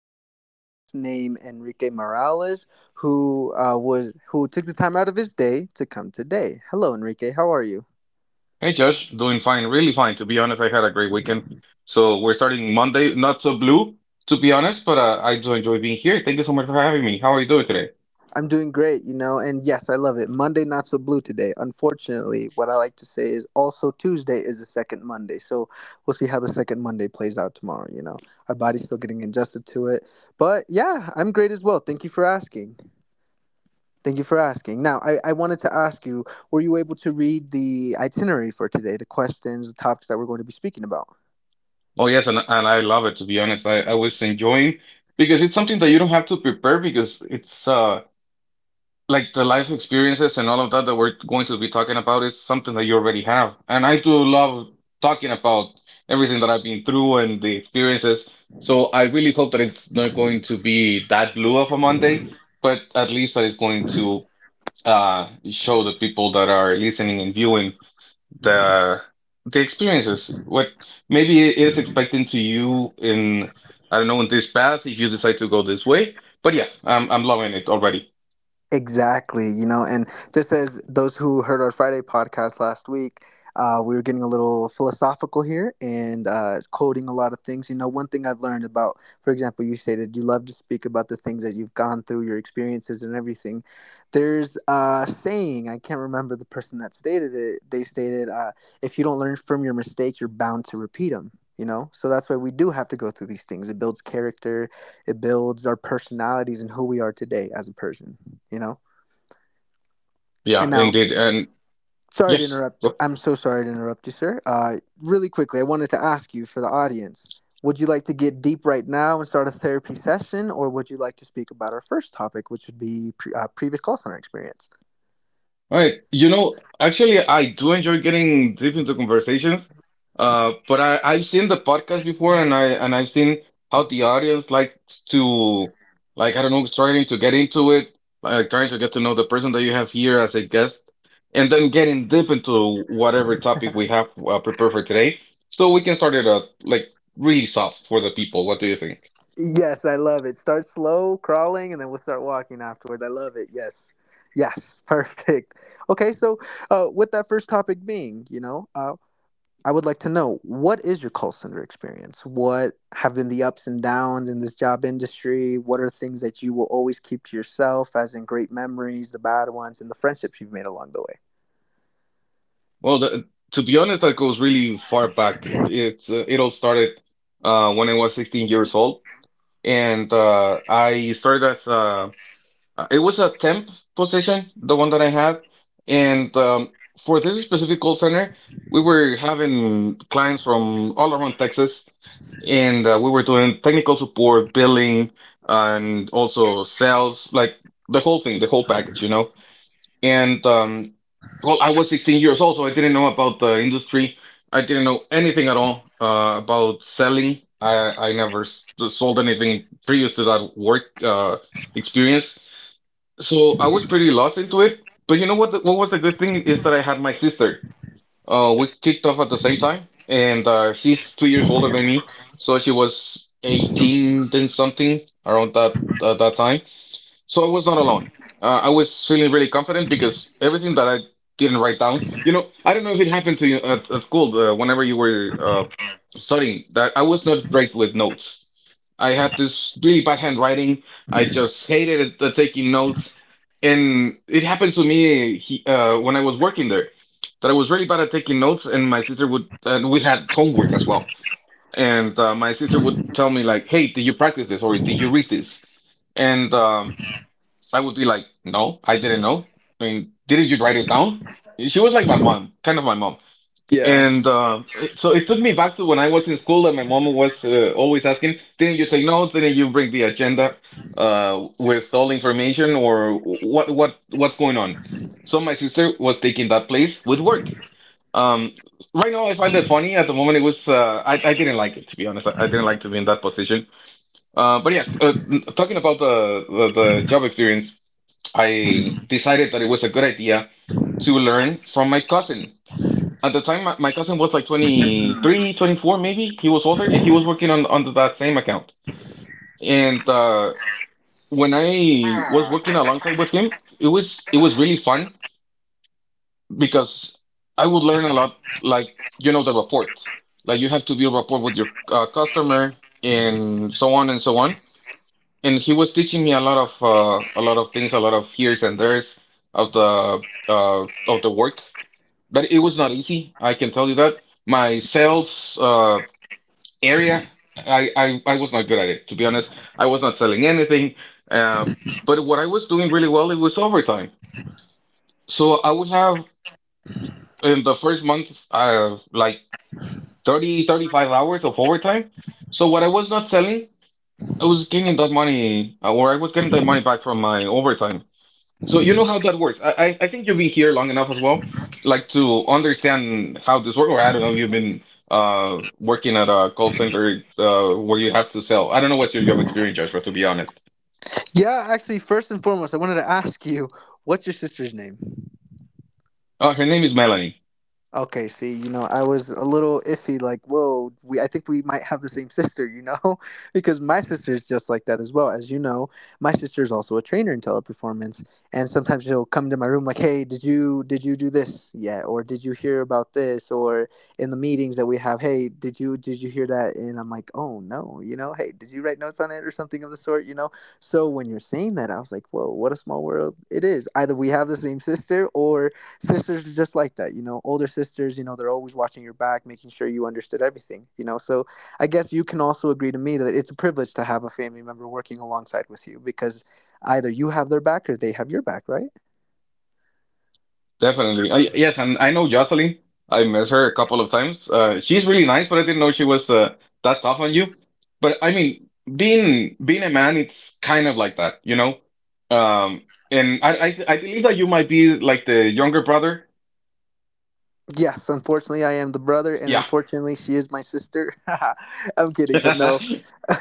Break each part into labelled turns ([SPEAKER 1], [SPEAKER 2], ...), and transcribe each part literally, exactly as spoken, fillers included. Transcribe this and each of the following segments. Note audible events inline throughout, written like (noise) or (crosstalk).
[SPEAKER 1] we have a special guest named Enrique Morales, who uh, was who took the time out of his day to come today. Hello, Enrique. How are you?
[SPEAKER 2] Hey Josh, doing fine, really fine. To be honest, I had a great weekend. So we're starting Monday, not so blue, to be honest, but uh, I do enjoy being here. Thank you so much for having me. How are you doing today?
[SPEAKER 1] I'm doing great, you know, and yes, I love it. Monday not so blue today. Unfortunately, what I like to say is also Tuesday is the second Monday, so we'll see how the second Monday plays out tomorrow. You know, our body's still getting adjusted to it, but yeah, I'm great as well. Thank you for asking. Thank you for asking. Now, I, I wanted to ask you, were you able to read the itinerary for today, the questions, the topics that we're going to be speaking about?
[SPEAKER 2] Oh yes, and and I love it, to be honest. I, I was enjoying because it's something that you don't have to prepare because it's uh like the life experiences and all of that that we're going to be talking about is something that you already have. And I do love talking about everything that I've been through and the experiences. So I really hope that it's not going to be that blue of a Monday, but at least that it's going to uh show the people that are listening and viewing the the experiences. What maybe it is expecting to you in, I don't know, in this path if you decide to go this way. But yeah, I'm I'm loving it already.
[SPEAKER 1] Exactly, you know, and just as those who heard our Friday podcast last week, uh, we were getting a little philosophical here and uh, quoting a lot of things. You know, one thing I've learned about, for example, you stated you love to speak about the things that you've gone through, your experiences, and everything. There's a saying, I can't remember the person that stated it. They stated, uh, if you don't learn from your mistakes, you're bound to repeat them. You know, so that's why we do have to go through these things. It builds character. It builds our personalities and who we are today as a person you know
[SPEAKER 2] Yeah,
[SPEAKER 1] and now,
[SPEAKER 2] indeed. And
[SPEAKER 1] sorry to
[SPEAKER 2] yes.
[SPEAKER 1] interrupt.
[SPEAKER 2] All
[SPEAKER 1] I'm so sorry to interrupt you, sir. Uh, really quickly, I wanted to ask you, for the audience, would you like to get deep right now and start a therapy session, or would you like to speak about our first topic, which would be pre- uh, previous call center experience?
[SPEAKER 2] right. You know, actually, I do enjoy getting deep into conversations. Uh, but I, I've seen the podcast before, and I and I've seen how the audience likes to, like, I don't know, starting to get into it, like trying to get to know the person that you have here as a guest, and then getting deep into whatever topic we have uh, prepared for today, so we can start it up like really soft for the people. What do you think?
[SPEAKER 1] Yes, I love it. Start slow, crawling, and then we'll start walking afterwards. I love it. Yes, yes. (laughs) Perfect. Okay, so uh, with that first topic being you know uh, I would like to know, what is your call center experience? What have been the ups and downs in this job industry? What are things that you will always keep to yourself, as in great memories, the bad ones, and the friendships you've made along the way?
[SPEAKER 2] Well, the, to be honest, that goes really far back. It's uh, it all started uh, when I was sixteen years old, and uh, I started as a, it was a temp position, the one that I had, and um, for this specific call center, we were having clients from all around Texas, and uh, we were doing technical support, billing, and also sales, like the whole thing, the whole package, you know. And um, well, I was sixteen years old, so I didn't know about the industry. I didn't know anything at all uh, about selling. I, I never s- sold anything previous to that work uh, experience. So I was pretty lost into it. But you know what? The, what was the good thing is that I had my sister. Uh, we kicked off at the same time, and uh, she's two years older than me. So she was eighteen, then something around that uh, that time, so I was not alone. Uh, I was feeling really confident because everything that I didn't write down, you know, I don't know if it happened to you at, at school uh, whenever you were uh, studying, that I was not great with notes. I had this really bad handwriting. I just hated uh, taking notes. And it happened to me he, uh, when I was working there, that I was really bad at taking notes, and my sister would, and we had homework as well. And uh, my sister would tell me like, "Hey, did you practice this or did you read this?" And um, I would be like, no, I didn't know. I mean, didn't you write it down? She was like my mom, kind of my mom.
[SPEAKER 1] Yeah.
[SPEAKER 2] And uh, so it took me back to when I was in school and my mom was uh, always asking, didn't you take notes? Didn't you bring the agenda uh, with all information, or what, what, what's going on? So my sister was taking that place with work. Um, right now I find that funny. At the moment it was, uh, I, I didn't like it, to be honest. I, I didn't like to be in that position. Uh, but yeah, uh, talking about the, the, the job experience, I decided that it was a good idea to learn from my cousin. At the time, my my cousin was like twenty-three, twenty-four, maybe. He was older and he was working on under that same account. And uh, when I was working alongside with him, it was it was really fun because I would learn a lot, like you know, the report. Like you have to build rapport with your uh, customer and so on and so on. And he was teaching me a lot of uh, a lot of things, a lot of here's and there's of the uh, of the work, but it was not easy. I can tell you that. My sales uh, area, I, I I was not good at it. To be honest, I was not selling anything. Uh, but what I was doing really well, it was overtime. So I would have in the first month, uh, like thirty, thirty-five hours of overtime. So what I was not selling, I was gaining that money, uh, or I was getting that money back from my overtime. So you know how that works. I, I I think you've been here long enough as well, like to understand how this works. Or I don't know, you've been uh working at a call center uh where you have to sell. I don't know what's your job experience, Joshua, to be honest.
[SPEAKER 1] Yeah, actually, first and foremost, I wanted to ask you, what's your sister's name?
[SPEAKER 2] Uh, her name is Melanie.
[SPEAKER 1] Okay, see, you know, I was a little iffy, like, whoa, we, I think we might have the same (laughs) sister, you know, (laughs) because my sister is just like that as well. As you know, my sister is also a trainer in teleperformance, and sometimes she'll come to my room like, hey, did you did you do this yet, or did you hear about this, or in the meetings that we have, hey, did you did you hear that? And I'm like, oh no, you know, hey, did you write notes on it or something of the sort, you know? So when you're saying that, I was like, whoa, what a small world it is. Either we have the same sister, or sisters are just like that you know older sisters, you know they're always watching your back, making sure you understood everything you know so I guess you can also agree to me that it's a privilege to have a family member working alongside with you, because either you have their back or they have your back, right?
[SPEAKER 2] Definitely. I, yes, and I know Jocelyn. I met her a couple of times. Uh, she's really nice, but I didn't know she was uh, that tough on you. But I mean, being being a man, it's kind of like that, you know. Um, and I I I believe that you might be like the younger brother.
[SPEAKER 1] Yes, unfortunately, I am the brother, and unfortunately, she is my sister. (laughs) I'm
[SPEAKER 2] (laughs)
[SPEAKER 1] kidding, but no.
[SPEAKER 2] Yes.
[SPEAKER 1] (laughs)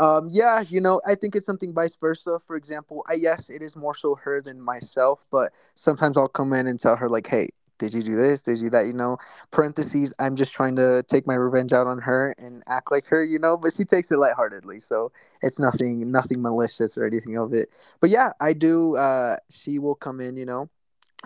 [SPEAKER 1] um, yeah, you know, I think it's something vice versa. For example, I yes, it is more so her than myself, but sometimes I'll come in and tell her like, "Hey, did you do this? Did you that?" You know, parentheses. I'm just trying to take my revenge out on her and act like her, you know. But she takes it lightheartedly, so it's nothing, nothing malicious or anything of it. But yeah, I do. Uh, she will come in, you know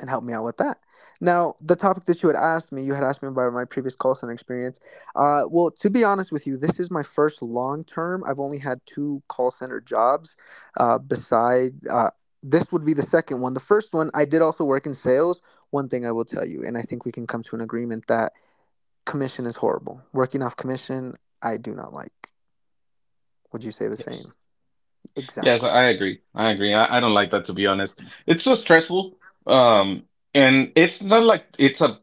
[SPEAKER 1] and help me out with that. Now, the topic that you had asked me, you had asked me about my previous call center experience. Uh, well, to be honest with you, this is my first long term. I've only had two call center jobs. Uh, beside uh, this would be the second one. The first one I did also work in sales. One thing I will tell you, and I think we can come to an agreement that commission is horrible. Working off commission, I do not like. Would you say the same?
[SPEAKER 2] Yes,
[SPEAKER 1] Exactly.
[SPEAKER 2] I agree. I agree. I, I don't like that, to be honest. It's so stressful. Um, and it's not like it's a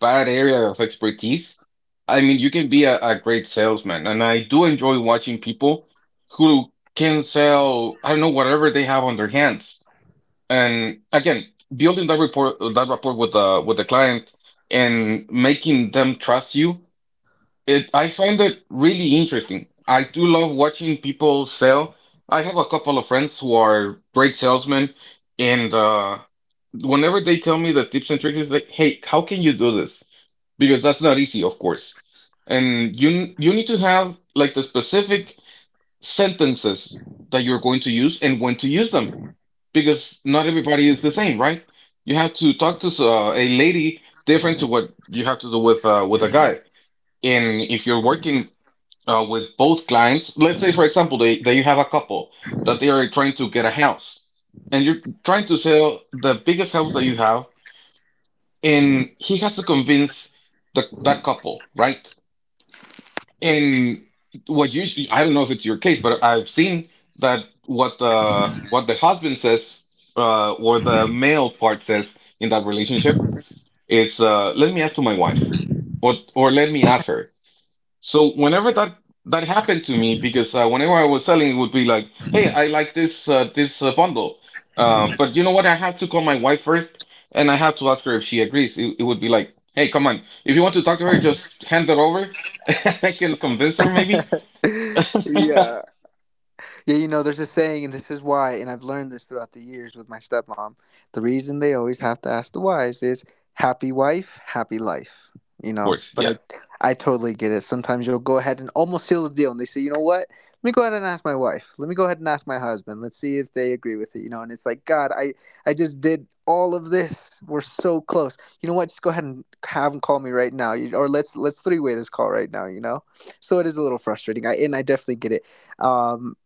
[SPEAKER 2] bad area of expertise. I mean, you can be a, a great salesman, and I do enjoy watching people who can sell, I don't know, whatever they have on their hands. And again, building that report, that rapport with the with the client and making them trust you. It, I find it really interesting. I do love watching people sell. I have a couple of friends who are great salesmen, and uh, whenever they tell me the tips and tricks, it's like, "Hey, how can you do this?" Because that's not easy, of course. And you you need to have like the specific sentences that you're going to use and when to use them, because not everybody is the same, right? You have to talk to uh, a lady different to what you have to do with uh, with a guy. And if you're working uh, with both clients. Let's say, for example, they, that you have a couple that they are trying to get a house and you're trying to sell the biggest house that you have. And he has to convince the, that couple, right? And what usually, I don't know if it's your case, but I've seen that what the, what the husband says, uh, or the male part says in that relationship is, uh, let me ask to my wife, or, or let me ask her. So whenever that that happened to me, because uh, whenever I was selling, it would be like, "Hey, I like this uh, this uh, bundle," uh, but you know what? I have to call my wife first, and I have to ask her if she agrees. It, it would be like, "Hey, come on! If you want to talk to her, just hand it over. (laughs) I can convince her, maybe."
[SPEAKER 1] (laughs) Yeah. Yeah, you know, there's a saying, and this is why, and I've learned this throughout the years with my stepmom. The reason they always have to ask the wives is happy wife, happy life. You know, but
[SPEAKER 2] Yeah.
[SPEAKER 1] I, I totally get it. Sometimes you'll go ahead and almost seal the deal, and they say, you know what? Let me go ahead and ask my wife. Let me go ahead and ask my husband. Let's see if they agree with it. You know, and it's like, God, I, I just did all of this. We're so close. You know what? Just go ahead and have them call me right now, You- or let's let's three way this call right now. You know, so it is a little frustrating. I and I definitely get it. Um,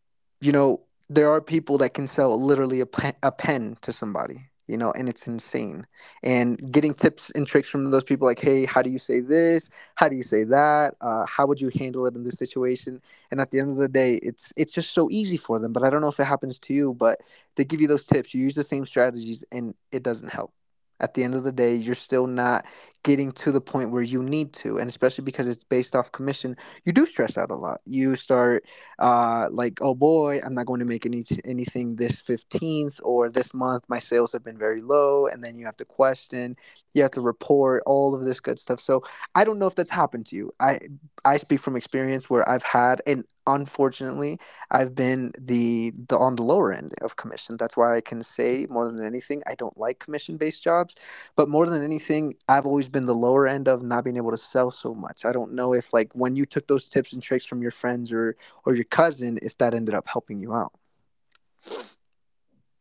[SPEAKER 1] you know, there are people that can sell literally a pen, a pen to somebody, you know, and it's insane. And getting tips and tricks from those people, like, hey, how do you say this? How do you say that? Uh, how would you handle it in this situation? And at the end of the day, it's it's just so easy for them. But I don't know if it happens to you, but they give you those tips. You use the same strategies, and it doesn't help. At the end of the day, you're still not getting to the point where you need to, and especially because it's based off commission, you do stress out a lot. You start uh, like, oh boy, I'm not going to make any anything this fifteenth or this month. My sales have been very low, and then you have to question, you have to report all of this good stuff. So I don't know if that's happened to you. I I speak from experience where I've had, and unfortunately, I've been the the on the lower end of commission. That's why I can say more than anything, I don't like commission based jobs. But more than anything, I've always been the lower end of not being able to sell so much. I don't know if like when you took those tips and tricks from your friends or or your cousin if that ended up helping you out.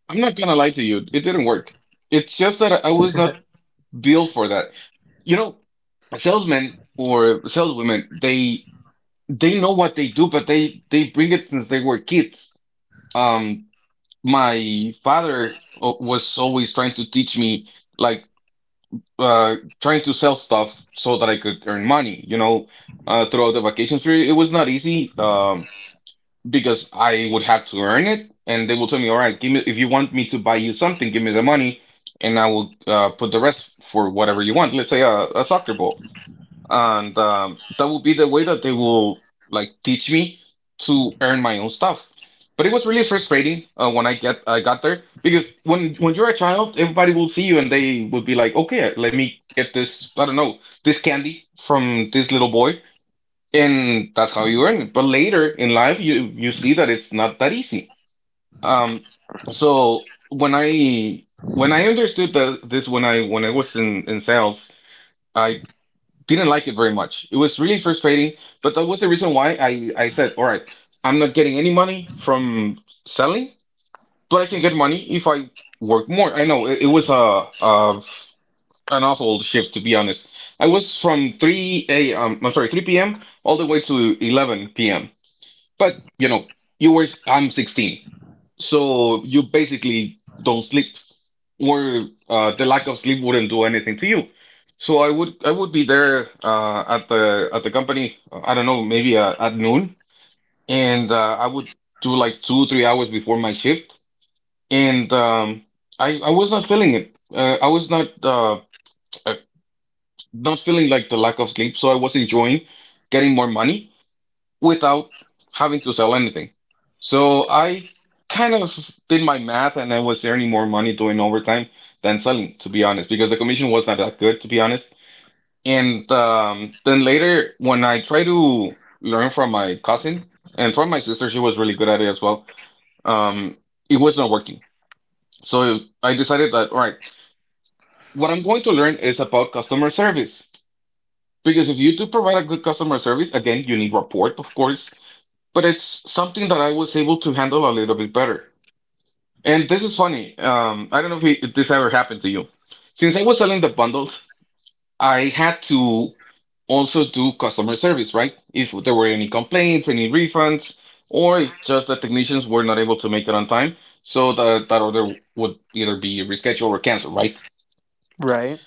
[SPEAKER 2] I'm not gonna lie to you, it didn't work. It's just that I was not built for that. You know, salesmen or saleswomen, they they know what they do, but they they bring it since they were kids. Um, my father uh, was always trying to teach me, like uh trying to sell stuff so that I could earn money you know uh throughout the vacation period. It was not easy um because I would have to earn it, and they will tell me, all right, give me, if you want me to buy you something, give me the money, and I will uh put the rest for whatever you want, let's say a, a soccer ball. And um, that would be the way that they will like teach me to earn my own stuff. But it was really frustrating uh, when I get I got there, because when when you're a child, everybody will see you and they will be like, okay, let me get this, I don't know, this candy from this little boy, and that's how you earn it. But later in life, you you see that it's not that easy. Um, so when I when I understood that this when I when I was in in sales, I didn't like it very much. It was really frustrating, but that was the reason why I, I said, all right, I'm not getting any money from selling, but I can get money if I work more. I know it, it was a, a an awful shift, to be honest. I was from 3 a um I'm sorry, three p m all the way to eleven p m. But you know, you were I'm sixteen. So you basically don't sleep, or uh, the lack of sleep wouldn't do anything to you. So I would I would be there uh, at the at the company. uh, I don't know, maybe uh, at noon, and uh, I would do like two three hours before my shift, and um, I I was not feeling it. Uh, I was not uh, uh, not feeling like the lack of sleep, so I was enjoying getting more money without having to sell anything. So I kind of did my math and I was earning more money doing overtime than selling, to be honest, because the commission was not that good, to be honest. And um, then later, when I tried to learn from my cousin and from my sister, she was really good at it as well. Um, it was not working. So I decided that, all right, what I'm going to learn is about customer service. Because if you do provide a good customer service, again, you need rapport, of course, but it's something that I was able to handle a little bit better. And this is funny. Um, I don't know if, it, if this ever happened to you. Since I was selling the bundles, I had to also do customer service, right? If there were any complaints, any refunds, or if just the technicians were not able to make it on time, so that that order would either be rescheduled or canceled, right?
[SPEAKER 1] Right.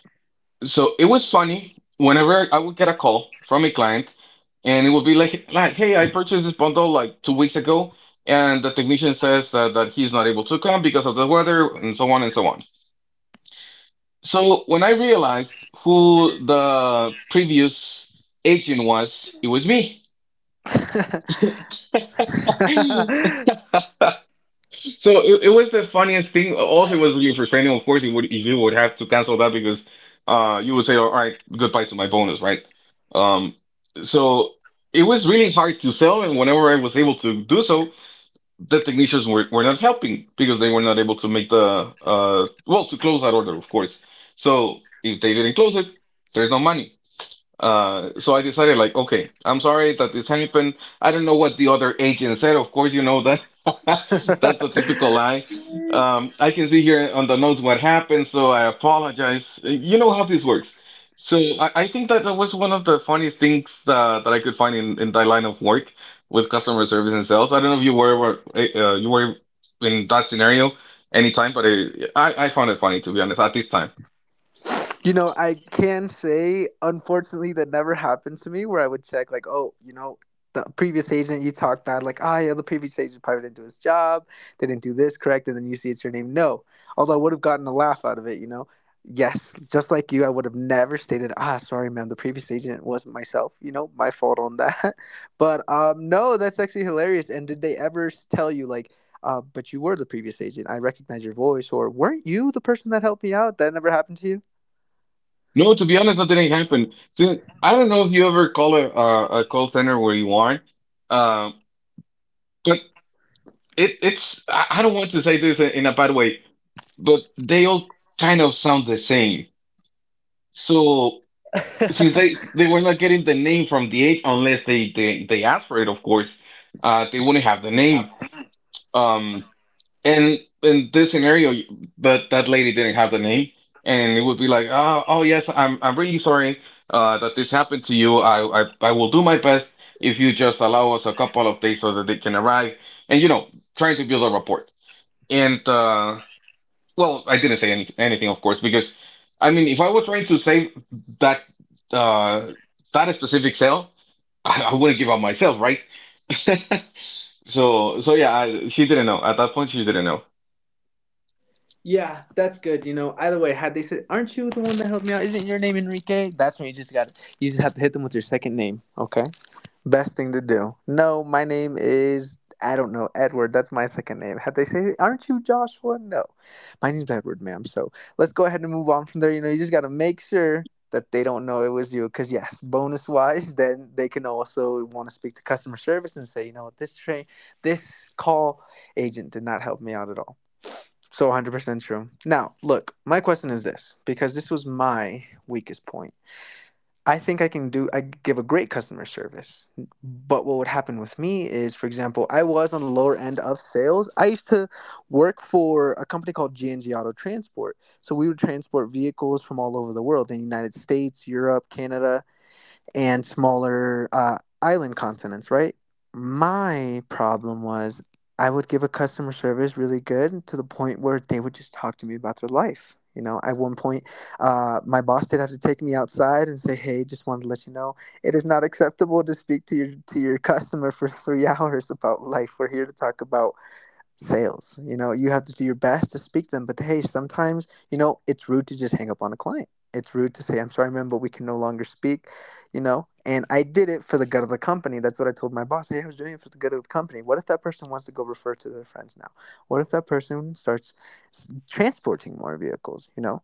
[SPEAKER 2] So it was funny whenever I would get a call from a client and it would be like like hey, I purchased this bundle like two weeks ago, and the technician says that, that he's not able to come because of the weather and so on and so on. So when I realized who the previous agent was, it was me. (laughs)
[SPEAKER 1] (laughs)
[SPEAKER 2] So it, it was the funniest thing. Also, it was really frustrating. Of course, you would if you would have to cancel that, because uh, you would say, all right, goodbye to my bonus, right? Um, so it was really hard to sell, and whenever I was able to do so, the technicians were, were not helping because they were not able to make the uh well, to close that order, of course. So if they didn't close it, there's no money. Uh, so I decided, like, okay, I'm sorry that this happened. I don't know what the other agent said. Of course, you know that (laughs) that's the typical lie.
[SPEAKER 1] (laughs)
[SPEAKER 2] Um, I can see here on the notes what happened, so I apologize. You know how this works. So I, I think that that was one of the funniest things that, that I could find in, in that line of work with customer service and sales. I don't know if you were uh, you were in that scenario anytime, but it, I I found it funny, to be honest, at this time.
[SPEAKER 1] You know, I can say, unfortunately, that never happened to me where I would check, like, oh, you know, the previous agent you talked about, like, ah, yeah, the previous agent probably didn't do his job, they didn't do this correct, and then you see it's your name. No. Although I would have gotten a laugh out of it, you know. Yes, just like you, I would have never stated, ah, sorry, ma'am, the previous agent wasn't myself, you know, my fault on that. (laughs) But um, no, that's actually hilarious. And did they ever s- tell you, like, uh, but you were the previous agent, I recognize your voice, or weren't you the person that helped me out? That never happened to you?
[SPEAKER 2] No, to be honest, that didn't happen. So, I don't know if you ever call a uh, a call center where you are, um, but it it's I, I don't want to say this in, in a bad way, but they all kind of sound the same. So since they they were not getting the name from the age unless they they they asked for it, of course, uh, they wouldn't have the name. Um, And in this scenario, but that lady didn't have the name, and it would be like, oh, oh yes, I'm I'm really sorry uh, that this happened to you. I, I I will do my best if you just allow us a couple of days so that they can arrive, and you know, trying to build a rapport. And uh, well, I didn't say any, anything, of course, because I mean, if I was trying to save that uh, that specific sale, (laughs) I, I wouldn't give up myself, right? (laughs) So so yeah, I, she didn't know at that point. She didn't know.
[SPEAKER 1] Yeah, that's good. You know, either way, had they said, "Aren't you the one that helped me out? Isn't your name Enrique?" That's when you just got you just have to hit them with your second name. Okay, best thing to do. No, my name is, I don't know, Edward. That's my second name. Had they say, "Aren't you Joshua?" No, my name's Edward, ma'am. So let's go ahead and move on from there. You know, you just got to make sure that they don't know it was you. Because yes, bonus wise, (laughs) then they can also want to speak to customer service and say, you know what, this train, this call agent did not help me out at all. So one hundred percent true. Now, look, my question is this because this was my weakest point. I think I can do, I give a great customer service. But what would happen with me is, for example, I was on the lower end of sales. I used to work for a company called G and G Auto Transport. So we would transport vehicles from all over the world in the United States, Europe, Canada, and smaller uh, island continents, right? My problem was I would give a customer service really good to the point where they would just talk to me about their life. You know, at one point, uh, my boss did have to take me outside and say, "Hey, just wanted to let you know it is not acceptable to speak to your to your (laughs) customer for three (laughs) hours about life. We're here to talk about sales." You know, you have to do your best to speak to them, but hey, sometimes, you know, it's rude to just hang up on a client. It's rude to say, "I'm sorry, man, but we can no longer speak, you know. And I did it for the good of the company. That's what I told my boss. Hey, I was doing it for the good of the company. What if that person wants to go refer to their friends now? What if that person starts transporting more vehicles, you know?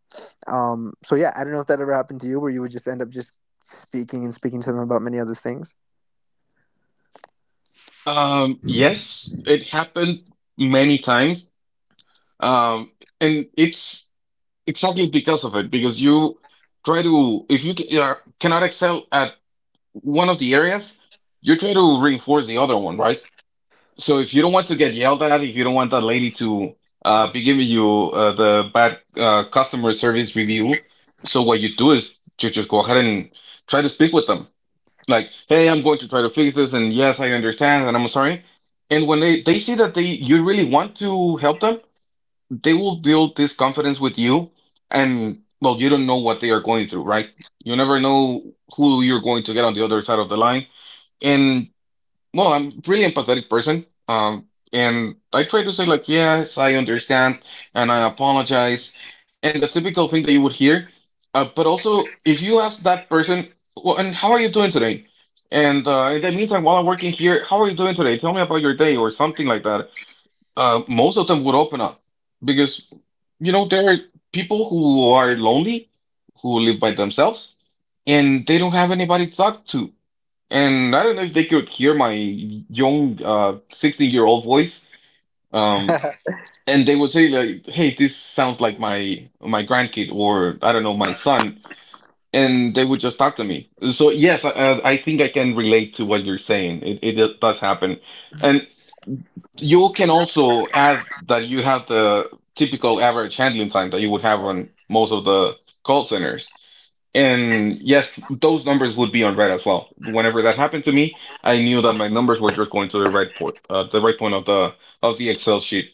[SPEAKER 1] Um, so, yeah, I don't know if that ever happened to you where you would just end up just speaking and speaking to them about many other things.
[SPEAKER 2] Um, yes, it happened many times. Um, and it's exactly because of it, because you try to, if you ca- are, cannot excel at one of the areas, you try to reinforce the other one, right? So if you don't want to get yelled at, if you don't want that lady to uh, be giving you uh, the bad uh, customer service review, so what you do is you just go ahead and try to speak with them. Like, hey, I'm going to try to fix this, and yes, I understand, and I'm sorry. And when they, they see that they you really want to help them, they will build this confidence with you. And well, you don't know what they are going through, right? You never know who you're going to get on the other side of the line. And, well, I'm really empathetic person. Um, and I try to say like, yes, I understand and I apologize. And the typical thing that you would hear. Uh, but also if you ask that person, well, and how are you doing today? And uh, in the meantime, while I'm working here, how are you doing today? Tell me about your day or something like that. Uh, most of them would open up because, you know, there are people who are lonely, who live by themselves, and they don't have anybody to talk to. And I don't know if they could hear my young, uh, sixteen-year-old voice. Um,
[SPEAKER 1] (laughs)
[SPEAKER 2] and they would say like, "Hey, this sounds like my my grandkid or I don't know, my son." And they would just talk to me. So yes, I, I think I can relate to what you're saying. It it does happen. And you can also add that you have the typical average handling time that you would have on most of the call centers. And yes, those numbers would be on red as well. Whenever that happened to me, I knew that my numbers were just going to the right point, uh, the right point of the of the Excel sheet.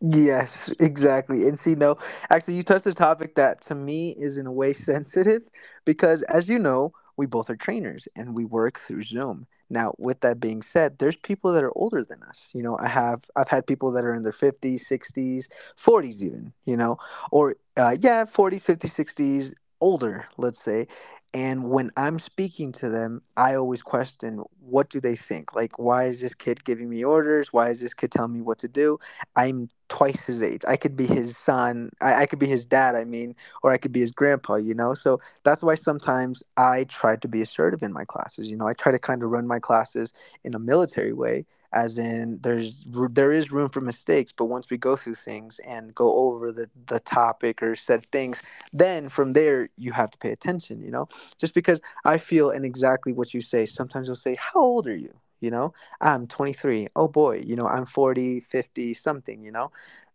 [SPEAKER 1] Yes, exactly. And see, no, actually, you touched a topic that to me is in a way (laughs) sensitive because, as you know, we both are trainers and we work through Zoom. Now, with that being said, there's people that are older than us. You know, I have I've had people that are in their fifties, sixties, forties even, you know, or uh, yeah, forties, fifties, sixties, older, let's say. And when I'm speaking to them, I always question, what do they think? Like, why is this kid giving me orders? Why is this kid telling me what to do? I'm twice his age. I could be his son. I, I could be his dad, I mean, or I could be his grandpa, you know? So that's why sometimes I try to be assertive in my classes. You know, I try to kind of run my classes in a military way, as in there's there is room for mistakes, but once we go through things and go over the, the topic or said things, then from there you have to pay attention, you know? Just because I feel and exactly what you say, sometimes they will say, "How old are you? You know? I'm twenty-three. Oh boy, you know, I'm forty, fifty, something, you know?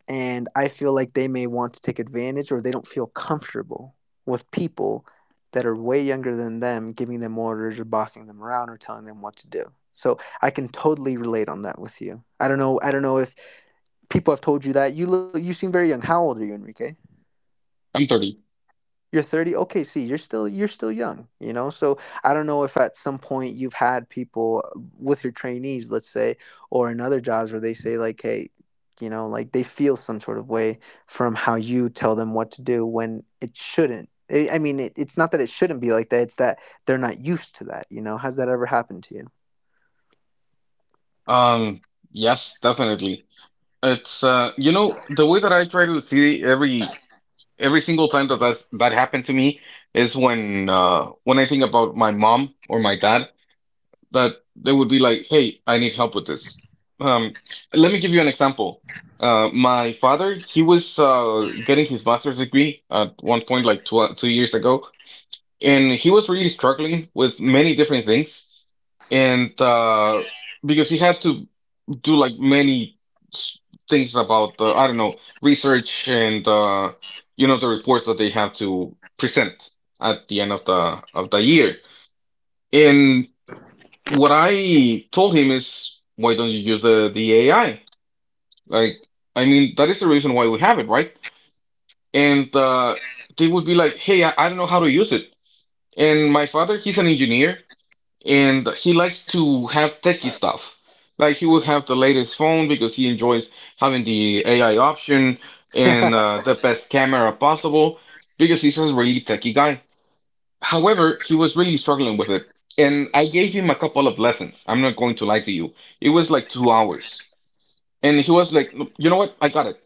[SPEAKER 1] And I feel like they may want to take advantage or they don't feel comfortable with people that are way younger than them giving them orders or bossing them around or telling them what to do. So I can totally relate on that with you. I don't know I don't know if people have told you that. You look you seem very young. How old are you, Enrique?
[SPEAKER 2] I'm thirty.
[SPEAKER 1] You're thirty? Okay, see, you're still you're still young, you know? So I don't know if at some point you've had people uh, with your trainees, let's say, or in other jobs where they say like, "Hey, you know, like they feel some sort of way from how you tell them what to do when it shouldn't." I I mean, it, it's not that it shouldn't be like that, it's that they're not used to that, you know? Has that ever happened to you?
[SPEAKER 2] Um, yes, definitely. It's uh, you know, the way that I try to see every every single time that that's, that happened to me is when uh when I think about my mom or my dad that they would be like, "Hey, I need help with this." Um, Let me give you an example. Uh, my father, he was uh, getting his master's degree at one point, like tw- two years ago, and he was really struggling with many different things, and uh, because he had to do like many s- things about uh, I don't know, research and uh, you know, the reports that they have to present at the end of the of the year. And, what I told him is, why don't you use the, the A I? Like, I mean, that is the reason why we have it, right? And uh, they would be like, hey, I, I don't know how to use it. And my father, he's an engineer, and he likes to have techie stuff. Like, he will have the latest phone because he enjoys having the A I option and uh, the best camera possible because he's a really techie guy. However, he was really struggling with it. And I gave him a couple of lessons. I'm not going to lie to you. It was like two hours. And he was like, "Look, you know what? I got it.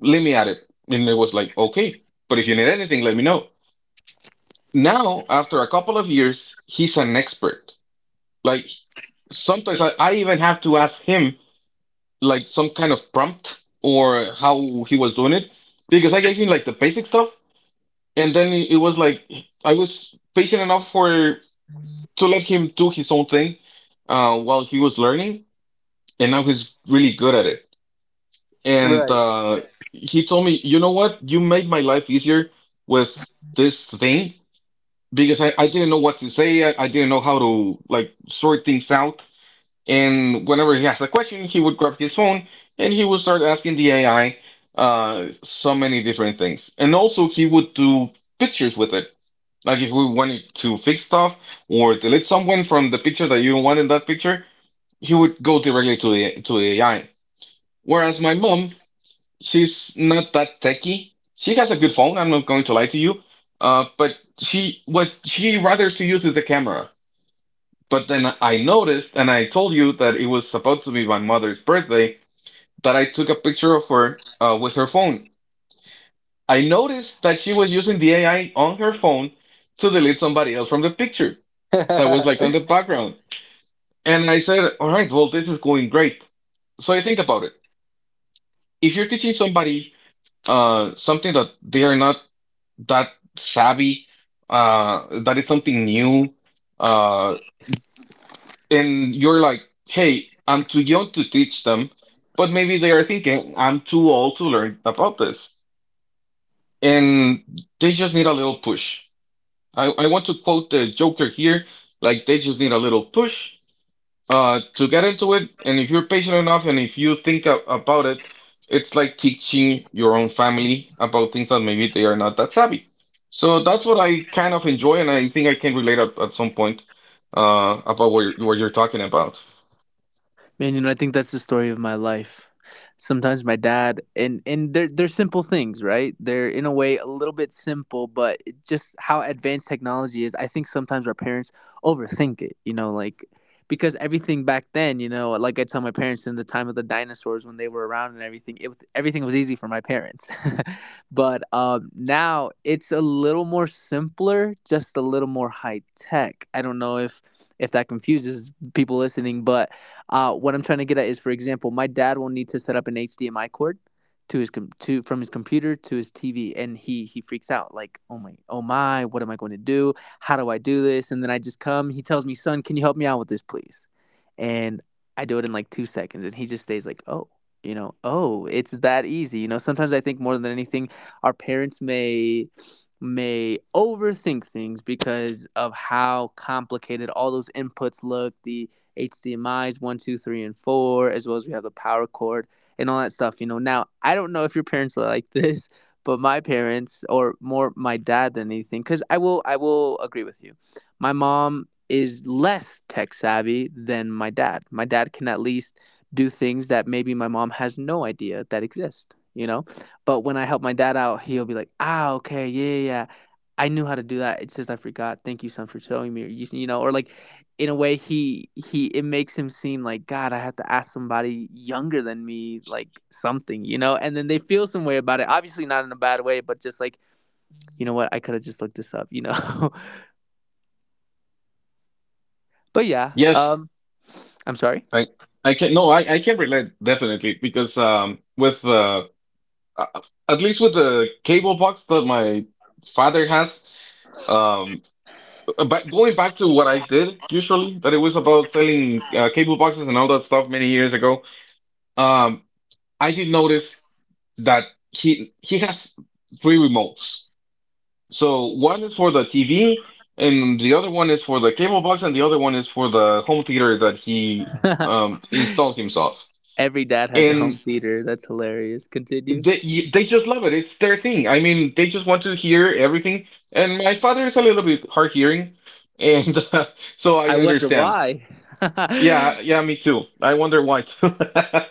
[SPEAKER 2] Let me at it." And it was like, okay, but if you need anything, let me know. Now, after a couple of years, he's an expert. Like sometimes I, I even have to ask him like some kind of prompt or how he was doing it because I gave him like the basic stuff. And then it was like I was patient enough for to let him do his own thing uh, while he was learning, and now he's really good at it. And
[SPEAKER 1] (laughs) Right.
[SPEAKER 2] uh, he told me, you know what? You made my life easier with this thing because I, I didn't know what to say. I, I didn't know how to like sort things out. And whenever he has a question, he would grab his phone and he would start asking the A I uh, so many different things. And also, he would do pictures with it. Like if we wanted to fix stuff or delete someone from the picture that you don't want in that picture, he would go directly to the to the A I. Whereas my mom, she's not that techy. She has a good phone. I'm not going to lie to you, uh, but she what she rather she uses the camera. But then I noticed, and I told you that it was supposed to be my mother's birthday, that I took a picture of her uh, with her phone. I noticed that she was using the A I on her phone to delete somebody else from the picture that was
[SPEAKER 1] (laughs)
[SPEAKER 2] like on the background. And I said, all right, well, this is going great. So I think about it. If you're teaching somebody uh something that they are not that savvy, uh that is something new, uh and you're like, hey, I'm too young to teach them, but maybe they are thinking I'm too old to learn about this. And they just need a little push. I, I want to quote the Joker here, like they just need a little push Uh, to get into it, and if you're patient enough and if you think a about it, it's like teaching your own family about things that maybe they are not that savvy. So that's what I kind of enjoy, and I think I can relate at, at some point uh, about what you're, what you're talking about.
[SPEAKER 1] Man, you know, I think that's the story of my life. Sometimes my dad and and they're they're simple things, right? They're in a way a little bit simple, but it just how advanced technology is, I think sometimes our parents overthink it, you know, like, because everything back then, you know, like, I tell my parents in the time of the dinosaurs when they were around, and everything, it was everything was easy for my parents. (laughs) But um now it's a little more simpler, just a little more high tech. I don't know if if that confuses people listening, but uh, what I'm trying to get at is, for example, my dad will need to set up an H D M I cord to his com- to from his computer to his T V, and he he freaks out like, "Oh my, oh my, what am I going to do? How do I do this?" And then I just come. He tells me, "Son, can you help me out with this, please?" And I do it in like two seconds, and he just stays like, oh. You know, oh, it's that easy. You know, sometimes I think more than anything, our parents may may overthink things because of how complicated all those inputs look, the H D M I's one, two, three, and four, as well as we have the power cord and all that stuff. You know, now I don't know if your parents are like (laughs) this, but my parents, or more my dad than anything, because I will, I will agree with you. My mom is less tech savvy than my dad. My dad can at least do things that maybe my mom has no idea that exist. You know, but when I help my dad out, he'll be like, "Ah, okay, yeah, yeah, yeah. I knew how to do that. It's just I forgot. Thank you, son, for showing me." You, you know, or like, in a way, he he it makes him seem like, God, I have to ask somebody younger than me like something you know and then they feel some way about it, obviously not in a bad way, but just like, you know what, I could have just looked this up you know (laughs) But yeah,
[SPEAKER 2] Yes,
[SPEAKER 1] um I'm sorry,
[SPEAKER 2] I I can no I I can relate definitely because um with uh a- at least with the cable box that my father has um Uh, but going back to what I did usually, that it was about selling uh, cable boxes and all that stuff many years ago. Um, I did notice that he he has three remotes. So one is for the T V, and the other one is for the cable box, and the other one is for the home theater that he um installed himself.
[SPEAKER 1] every dad has a
[SPEAKER 2] And
[SPEAKER 1] home theater, that's hilarious, continue,
[SPEAKER 2] they y- they just love it. It's their thing. I mean, they just want to hear everything. And my father is a little bit hard hearing, and (laughs) uh, so I
[SPEAKER 1] I wonder
[SPEAKER 2] understand.
[SPEAKER 1] why. (laughs)
[SPEAKER 2] Yeah,
[SPEAKER 1] (laughs)
[SPEAKER 2] yeah, me too. I wonder why. (laughs)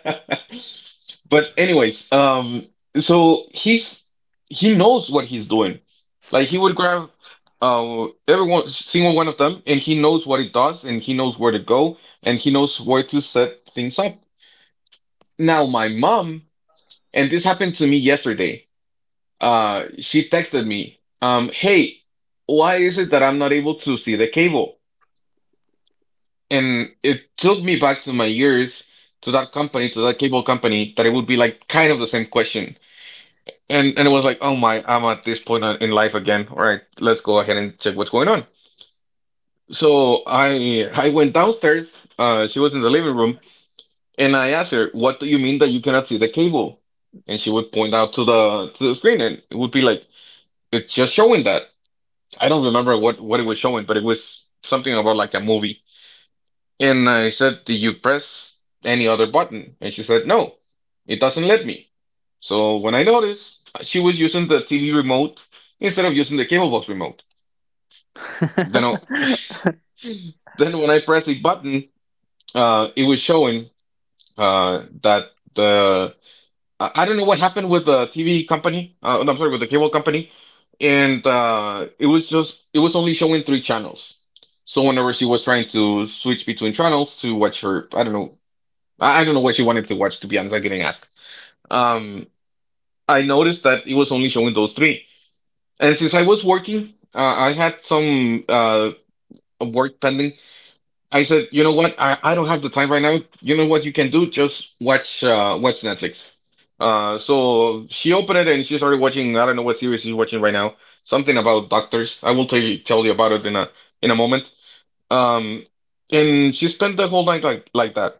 [SPEAKER 2] But anyways, um, so he's he knows what he's doing. Like he would grab uh everyone single one of them and he knows what it does and he knows where to go and he knows where to set things up. Now my mom, and this happened to me yesterday, uh, she texted me, um, hey, why is it that I'm not able to see the cable? And it took me back to my years to that company to that cable company that it would be like kind of the same question, and and it was like oh my, I'm at this point in life again. All right, let's go ahead and check what's going on. So i i went downstairs. uh she was in the living room and I asked her, what do you mean that you cannot see the cable? And she would point out to the to the screen and it would be like, it's just showing that I don't remember what what it was showing, but it was something about like a movie. And I said, did you press any other button? And she said, no, it doesn't let me. So when I noticed, she was using the T V remote instead of using the cable box remote. Then, I- then when I pressed the button, uh, it was showing uh, that the I I don't know what happened with the T V company. Uh, no, I'm sorry, with the cable company, and uh, it was just, it was only showing three channels. So whenever she was trying to switch between channels to watch her, I don't know, I, I don't know what she wanted to watch, to be honest. I didn't ask. Um, I noticed that it was only showing those three. And since I was working, uh, I had some uh, work pending. I said, you know what? I, I don't have the time right now. You know what you can do? Just watch uh, watch Netflix. Uh, so she opened it and she started watching. I don't know what series she's watching right now. Something about doctors. I will tell you tell you about it in a in a moment. Um, and she spent the whole night like like that.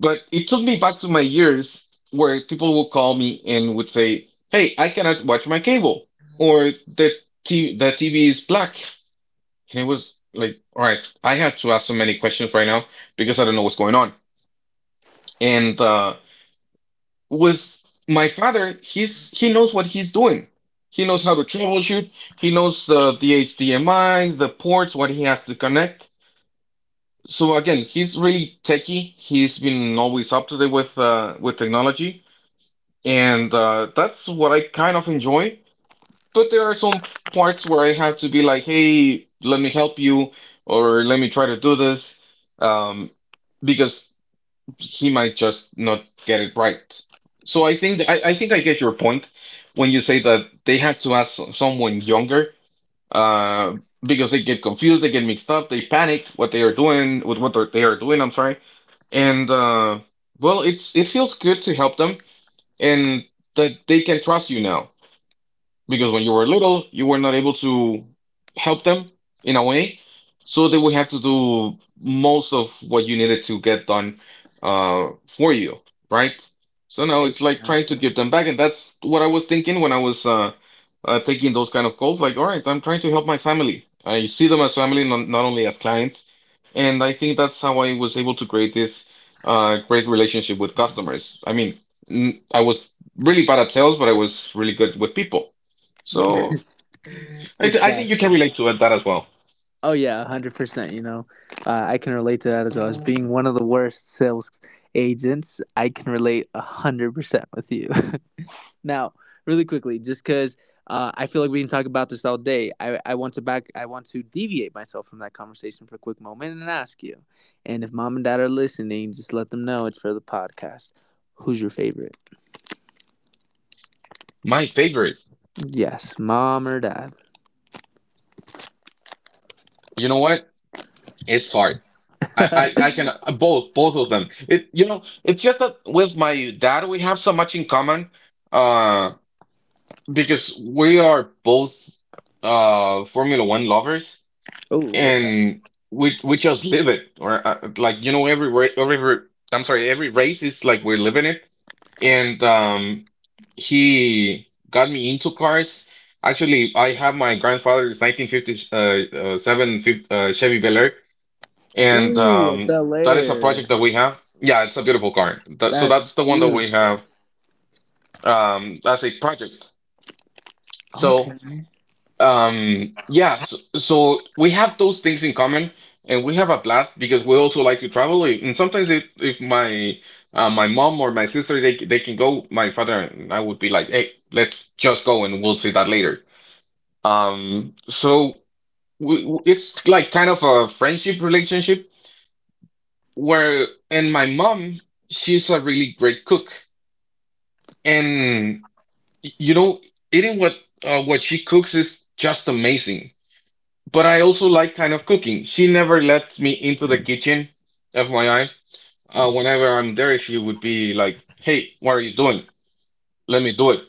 [SPEAKER 2] But it took me back to my years where people would call me and would say, "Hey, I cannot watch my cable," or "the t- the T V is black," and it was like, "All right, I have to ask so many questions right now because I don't know what's going on." And uh, with my father, he's he knows what he's doing. He knows how to troubleshoot. He knows the the H D M I's, the ports, what he has to connect. So again, he's really techie. He's been always up to date with uh, with technology. And uh, that's what I kind of enjoy. But there are some parts where I have to be like, hey, let me help you, or let me try to do this, um, because he might just not get it right. So I think I, I think I get your point when you say that they had to ask someone younger, uh, because they get confused, they get mixed up, they panic what they are doing with what they're- they are doing. I'm sorry, and uh, well, it's, it feels good to help them and that they can trust you now because when you were little, you were not able to help them in a way. So they would have to do most of what you needed to get done uh, for you, right? So now it's like trying to
[SPEAKER 1] Exactly,
[SPEAKER 2] give them back. And that's what I was thinking when I was uh, uh, taking those kind of calls. Like, all right, I'm trying to help my family. I see them as family, not, not only as clients. And I think that's how I was able to create this uh, great relationship with customers. I mean, n- I was really bad at sales, but I was really good with people. So I, th- I think you can
[SPEAKER 1] exactly.
[SPEAKER 2] relate to it, that as well.
[SPEAKER 1] Oh yeah, hundred percent. You know, uh, I can relate to that as well as being one of the worst sales agents. I can relate hundred percent with you. (laughs) Now, really quickly, just because uh, I feel like we can talk about this all day, I, I want to back. I want to deviate myself from that conversation for a quick moment and ask you. And if mom and dad are listening, just let them know it's for the podcast. Who's your favorite?
[SPEAKER 2] My favorite,
[SPEAKER 1] Yes, mom or dad.
[SPEAKER 2] you know what? It's hard. I,
[SPEAKER 1] (laughs)
[SPEAKER 2] I,
[SPEAKER 1] Oh,
[SPEAKER 2] I can uh, both, both of them. It, you know, it's just that with my dad we have so much in common, uh, because we are both uh Formula One lovers
[SPEAKER 1] okay.
[SPEAKER 2] and we we just live it, or uh, like you know every ra- every ra- I'm sorry every race is like we're living it. And um he got me into cars. Actually, I have my grandfather's nineteen fifty seven uh, uh, uh, Chevy Bel Air, and
[SPEAKER 1] Ooh, a
[SPEAKER 2] um
[SPEAKER 1] Bel
[SPEAKER 2] that is a project
[SPEAKER 1] Air.
[SPEAKER 2] that we have. Yeah, it's a beautiful car. That, so
[SPEAKER 1] That's
[SPEAKER 2] that's the one that we
[SPEAKER 1] beautiful.
[SPEAKER 2] have um as a project. So. Um, yeah, so, so we have those things in common and we have a blast because we also like to travel. eh, And sometimes if, if my uh, my mom or my sister they they can go, my father and I would be like, "Hey, let's just go and we'll see that later." Um, so we, we- it's like kind of a friendship relationship where. And my mom, she's a really great cook. And y- you know, eating what uh, what she cooks is just amazing, but I also like kind of cooking. She never lets me into the kitchen, F Y I. Uh, whenever I'm there, she would be like, "Hey, what are you doing? Let me do it."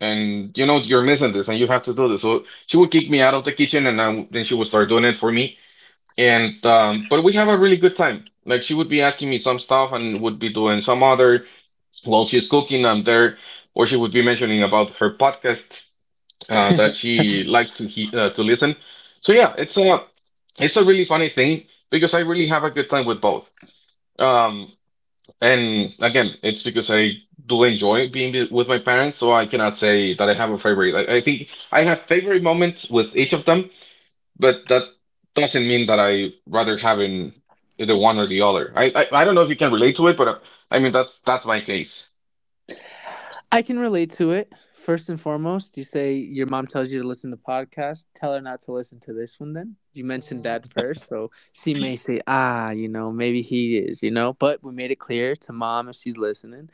[SPEAKER 2] And you know, you're missing this, and you have to do this. So she would kick me out of the kitchen, and I, w- then she would start doing it for me. And um, but we have a really good time. Like she would be asking me some stuff, and would be doing some other while she's cooking. I'm there, or she would be mentioning about her podcast uh, that she likes to he uh, to listen. So yeah, it's a, it's a really funny thing because I really have a good time with both. Um, and again, it's because I do enjoy being with with my parents, so I cannot say that I have a favorite. I, I think I have favorite moments with each of them, but that doesn't mean that I rather having either one or the other. I, I I don't know if you can relate to it, but uh, I mean that's that's my case.
[SPEAKER 1] I can relate to it. First and foremost, you say your mom tells you to listen to podcasts. Tell her not to listen to this one then. You mentioned Mm. dad first, so she may say, "Ah, you know, maybe he is, you know, but we made it clear to mom, if she's listening,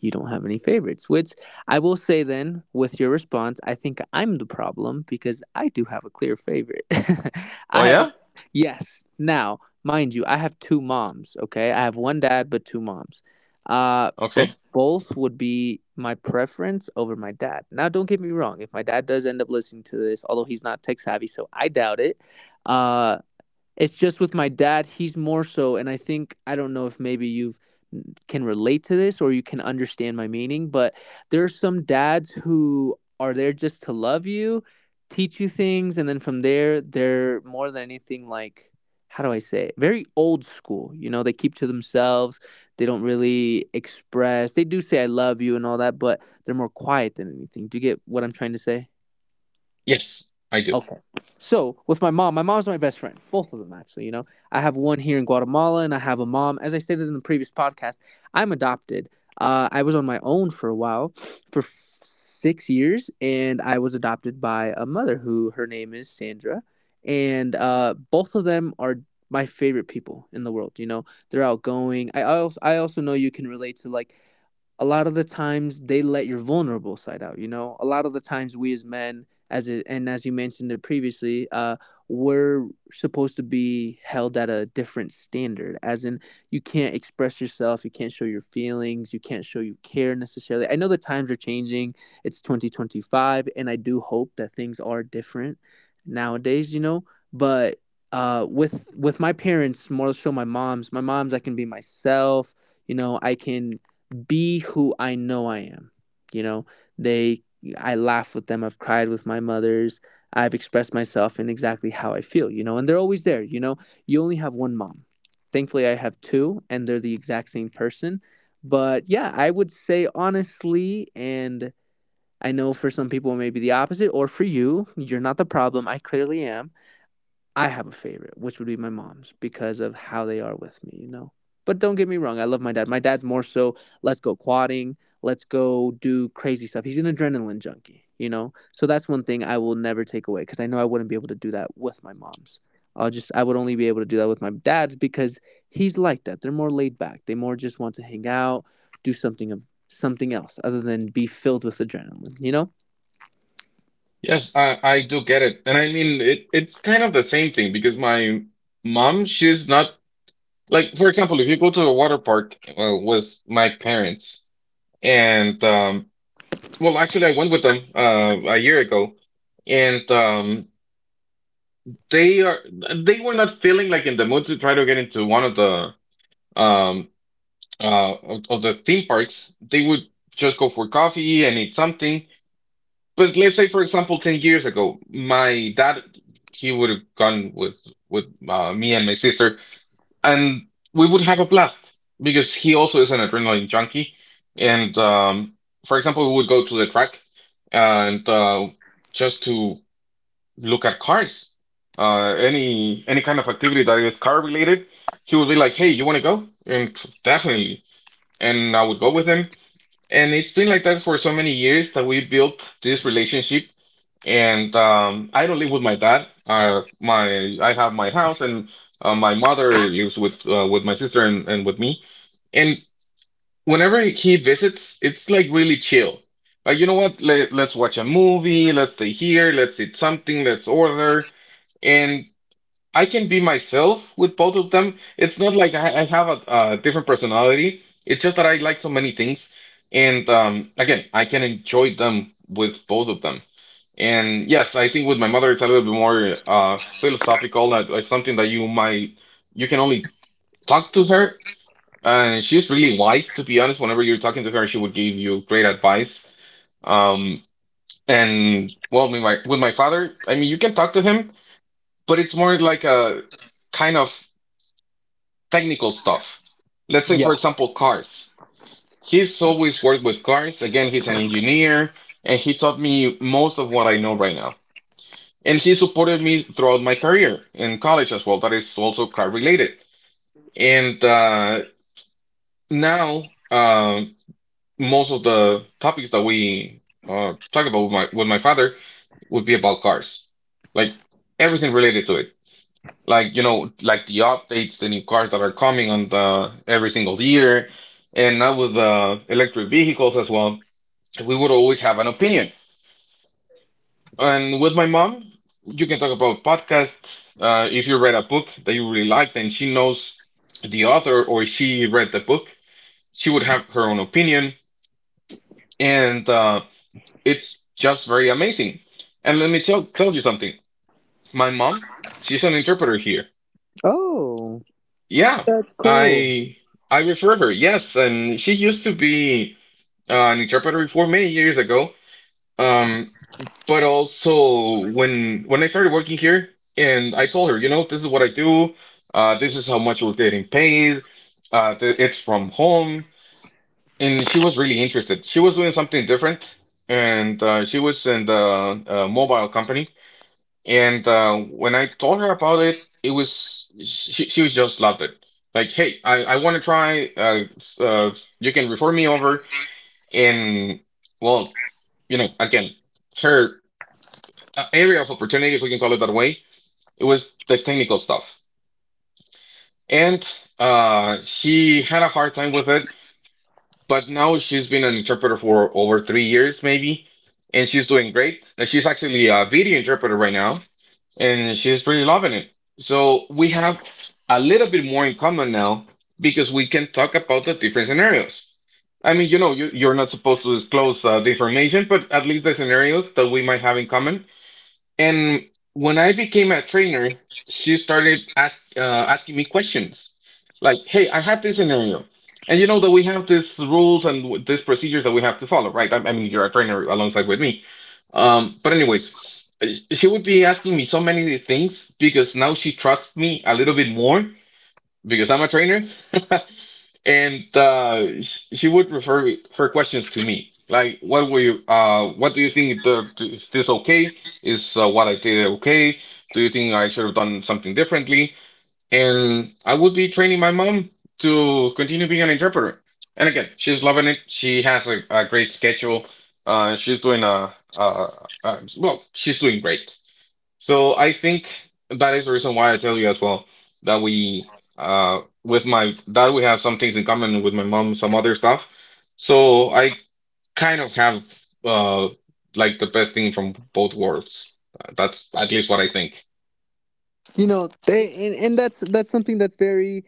[SPEAKER 1] you don't have any favorites," which I will say then with your response, I think I'm the problem because I do have a clear favorite. (laughs)
[SPEAKER 2] Oh
[SPEAKER 1] I have a,
[SPEAKER 2] yeah?
[SPEAKER 1] yes. Now, mind you, I have two moms, okay? I have one dad, but two moms. Uh, but
[SPEAKER 2] Okay.
[SPEAKER 1] both would be my preference over my dad. Now, don't get me wrong. If my dad does end up listening to this, although he's not tech savvy, so I doubt it. Uh, it's just with my dad, he's more so, and I think I don't know if maybe you can relate to this or you can understand my meaning, but there are some dads who are there just to love you, teach you things, and then from there, they're more than anything like, how do I say it? Very old school. You know, they keep to themselves. They don't really express. They do say I love you and all that, but they're more quiet than anything. Do you get what I'm trying to say?
[SPEAKER 2] Yes, I do.
[SPEAKER 1] Okay. So with my mom, my mom's my best friend. Both of them, actually, you know. I have one here in Guatemala and I have a mom. As I stated in the previous podcast, I'm adopted. Uh, I was on my own for a while, for six years, and I was adopted by a mother who, her name is Sandra. And uh, both of them are my favorite people in the world. You know, they're outgoing. I also I also know you can relate to, like, a lot of the times they let your vulnerable side out you know a lot of the times we, as men, as it, and as you mentioned it previously, uh we're supposed to be held at a different standard, as in you can't express yourself, you can't show your feelings, you can't show you care necessarily. I know the times are changing, it's twenty twenty-five, and I do hope that things are different nowadays, you know but uh with with my parents, more so my mom's my mom's I can be myself, you know i can be who I know I am. You know, they I laugh with them, I've cried with my mothers, I've expressed myself in exactly how I feel, you know, and they're always there, you know. You only have one mom. Thankfully I have two and they're the exact same person. But yeah, I would say honestly, and I know for some people it may be the opposite or for you, you're not the problem. I clearly am. I have a favorite, which would be my mom's because of how they are with me, you know. But don't get me wrong, I love my dad. My dad's more so let's go quadding, let's go do crazy stuff. He's an adrenaline junkie, you know. So that's one thing I will never take away because I know I wouldn't be able to do that with my mom's. I'll just I would only be able to do that with my dad's because he's like that. They're more laid back. They more just want to hang out, do something of something else other than be filled with adrenaline, you know?
[SPEAKER 2] Yes, I, I do get it. And I mean it, it's kind of the same thing because my mom, she's not, like for example, if you go to a water park uh, with my parents and um well actually I went with them uh a year ago and um they are, they were not feeling like in the mood to try to get into one of the um uh of, of the theme parks. They would just go for coffee and eat something. But let's say, for example, ten years ago, my dad, he would have gone with with uh, me and my sister, and we would have a blast because he also is an adrenaline junkie. And um, For example, we would go to the track and uh, just to look at cars, uh, any any kind of activity that is car related. He would be like, "Hey, you want to go?" And pff, definitely, and I would go with him. And it's been like that for so many years that we built this relationship and um, I don't live with my dad. Uh, my I have my house, and uh, my mother lives with uh, with my sister and, and with me. And whenever he visits, it's like really chill. Like, you know what? Let, let's watch a movie. Let's stay here. Let's eat something. Let's order. And I can be myself with both of them. It's not like I, I have a, a different personality. It's just that I like so many things. And um, Again, I can enjoy them with both of them. And yes, I think with my mother, it's a little bit more uh, philosophical. That it's something that you might you can only talk to her, and she's really wise. To be honest, whenever you're talking to her, she would give you great advice. Um, and well, with my with my father, I mean, you can talk to him, but it's more like a kind of technical stuff. Let's say, for example, cars. He's always worked with cars. Again, he's an engineer, and he taught me most of what I know right now. And he supported me throughout my career in college as well. That is also car related. And uh, Now, um most of the topics that we uh, talk about with my with my father would be about cars, like everything related to it. Like you know, like the updates, the new cars that are coming on the every single year, and now with the electric vehicles as well. We would always have an opinion. And with my mom, you can talk about podcasts. Uh, if you read a book that you really liked and she knows the author or she read the book, she would have her own opinion. And uh, It's just very amazing. And let me tell, tell you something. My mom, she's an interpreter here.
[SPEAKER 1] Oh,
[SPEAKER 2] Yeah,
[SPEAKER 1] that's cool.
[SPEAKER 2] I I refer her. Yes, and she used to be uh, an interpreter before many years ago. Um, But also when when I started working here and I told her, you know, this is what I do, uh, this is how much we're getting paid, uh, th it's from home, and she was really interested. She was doing something different, and uh, she was in the uh, mobile company. And uh, When I told her about it, it was she she was just loved it. Like, hey, I I want to try. Uh, s- uh, you can refer me over, and well, you know, again. Her uh, area of opportunity, if we can call it that way. It was the technical stuff. And uh, She had a hard time with it, but now she's been an interpreter for over three years, maybe, and she's doing great. Uh, She's actually a video interpreter right now, and she's really loving it. So we have a little bit more in common now because we can talk about the different scenarios. I mean, you know, you, you're not supposed to disclose uh, the information, but at least the scenarios that we might have in common. And when I became a trainer, she started ask, uh, asking me questions like, "Hey, I have this scenario, and you know that we have these rules and w- these procedures that we have to follow, right? I, I mean, you're a trainer alongside with me." Um, but anyways, uh, she would be asking me so many things because now she trusts me a little bit more because I'm a trainer, (laughs) and uh, she would refer her questions to me. Like, what were you? Uh, what do you think? The, is this okay? Is uh, what I did okay? Do you think I should have done something differently? And I would be training my mom to continue being an interpreter. And again, she's loving it. She has a, a great schedule. Uh, she's doing a, uh, uh, well, she's doing great. So I think that is the reason why I tell you as well that we uh with my that we have some things in common with my mom, some other stuff. So I kind of have uh like the best thing from both worlds. Uh, That's at least what I think.
[SPEAKER 1] you know they and, and that's that's something that's very,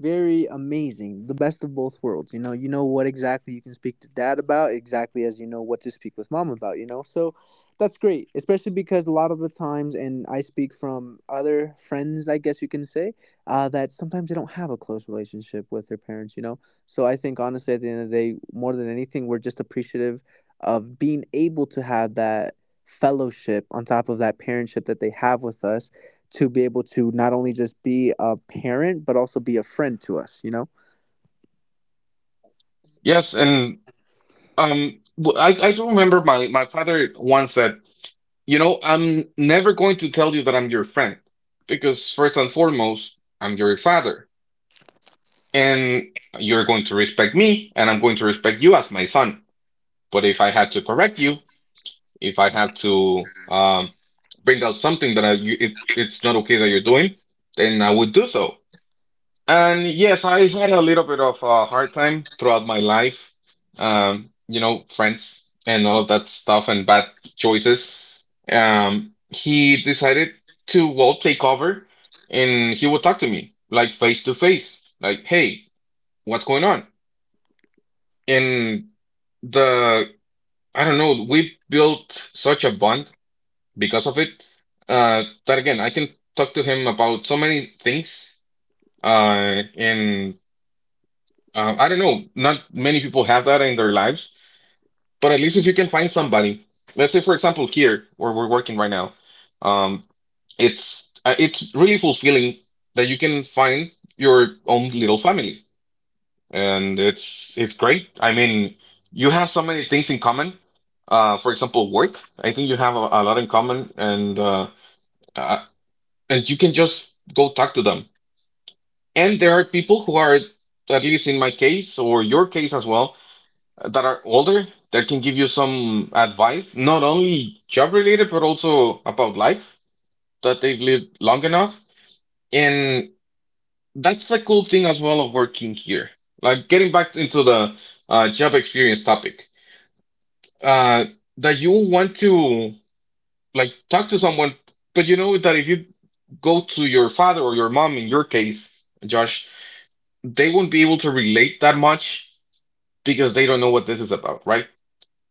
[SPEAKER 1] very amazing, the best of both worlds. You know you know what exactly you can speak to dad about, exactly as you know what to speak with mom about. You know so that's great, especially because a lot of the times, and I speak from other friends, I guess you can say, uh, that sometimes they don't have a close relationship with their parents, you know. So I think, honestly, at the end of the day, more than anything, we're just appreciative of being able to have that fellowship on top of that parentship that they have with us, to be able to not only just be a parent but also be a friend to us, you know.
[SPEAKER 2] Yes, and um w- I I do remember my my father once said, you know, I'm never going to tell you that I'm your friend because first and foremost, I'm your father and you're going to respect me and I'm going to respect you as my son. But if I had to correct you, if I had to um, bring out something that I, you, it, it's not okay that you're doing, then I would do so. And yes, I had a little bit of a hard time throughout my life, um, you know, friends and all of that stuff and bad choices. Um, he decided to well take over and he would talk to me like face to face, like, hey, what's going on? And the I don't know, we built such a bond because of it. Uh, that again, I can talk to him about so many things. Uh, and uh, I don't know, not many people have that in their lives, but at least if you can find somebody, let's say for example here where we're working right now, um, it's uh, it's really fulfilling that you can find your own little family and it's it's great. I mean, you have so many things in common. Uh, for example, work. I think you have a, a lot in common, and uh, uh, and you can just go talk to them. And there are people who are, at least in my case or your case as well, that are older that can give you some advice, not only job related but also about life that they've lived long enough. And that's the cool thing as well of working here, like getting back into the uh, job experience topic uh, that you want to like talk to someone, but you know that if you go to your father or your mom, in your case, Josh, they won't be able to relate that much because they don't know what this is about, right?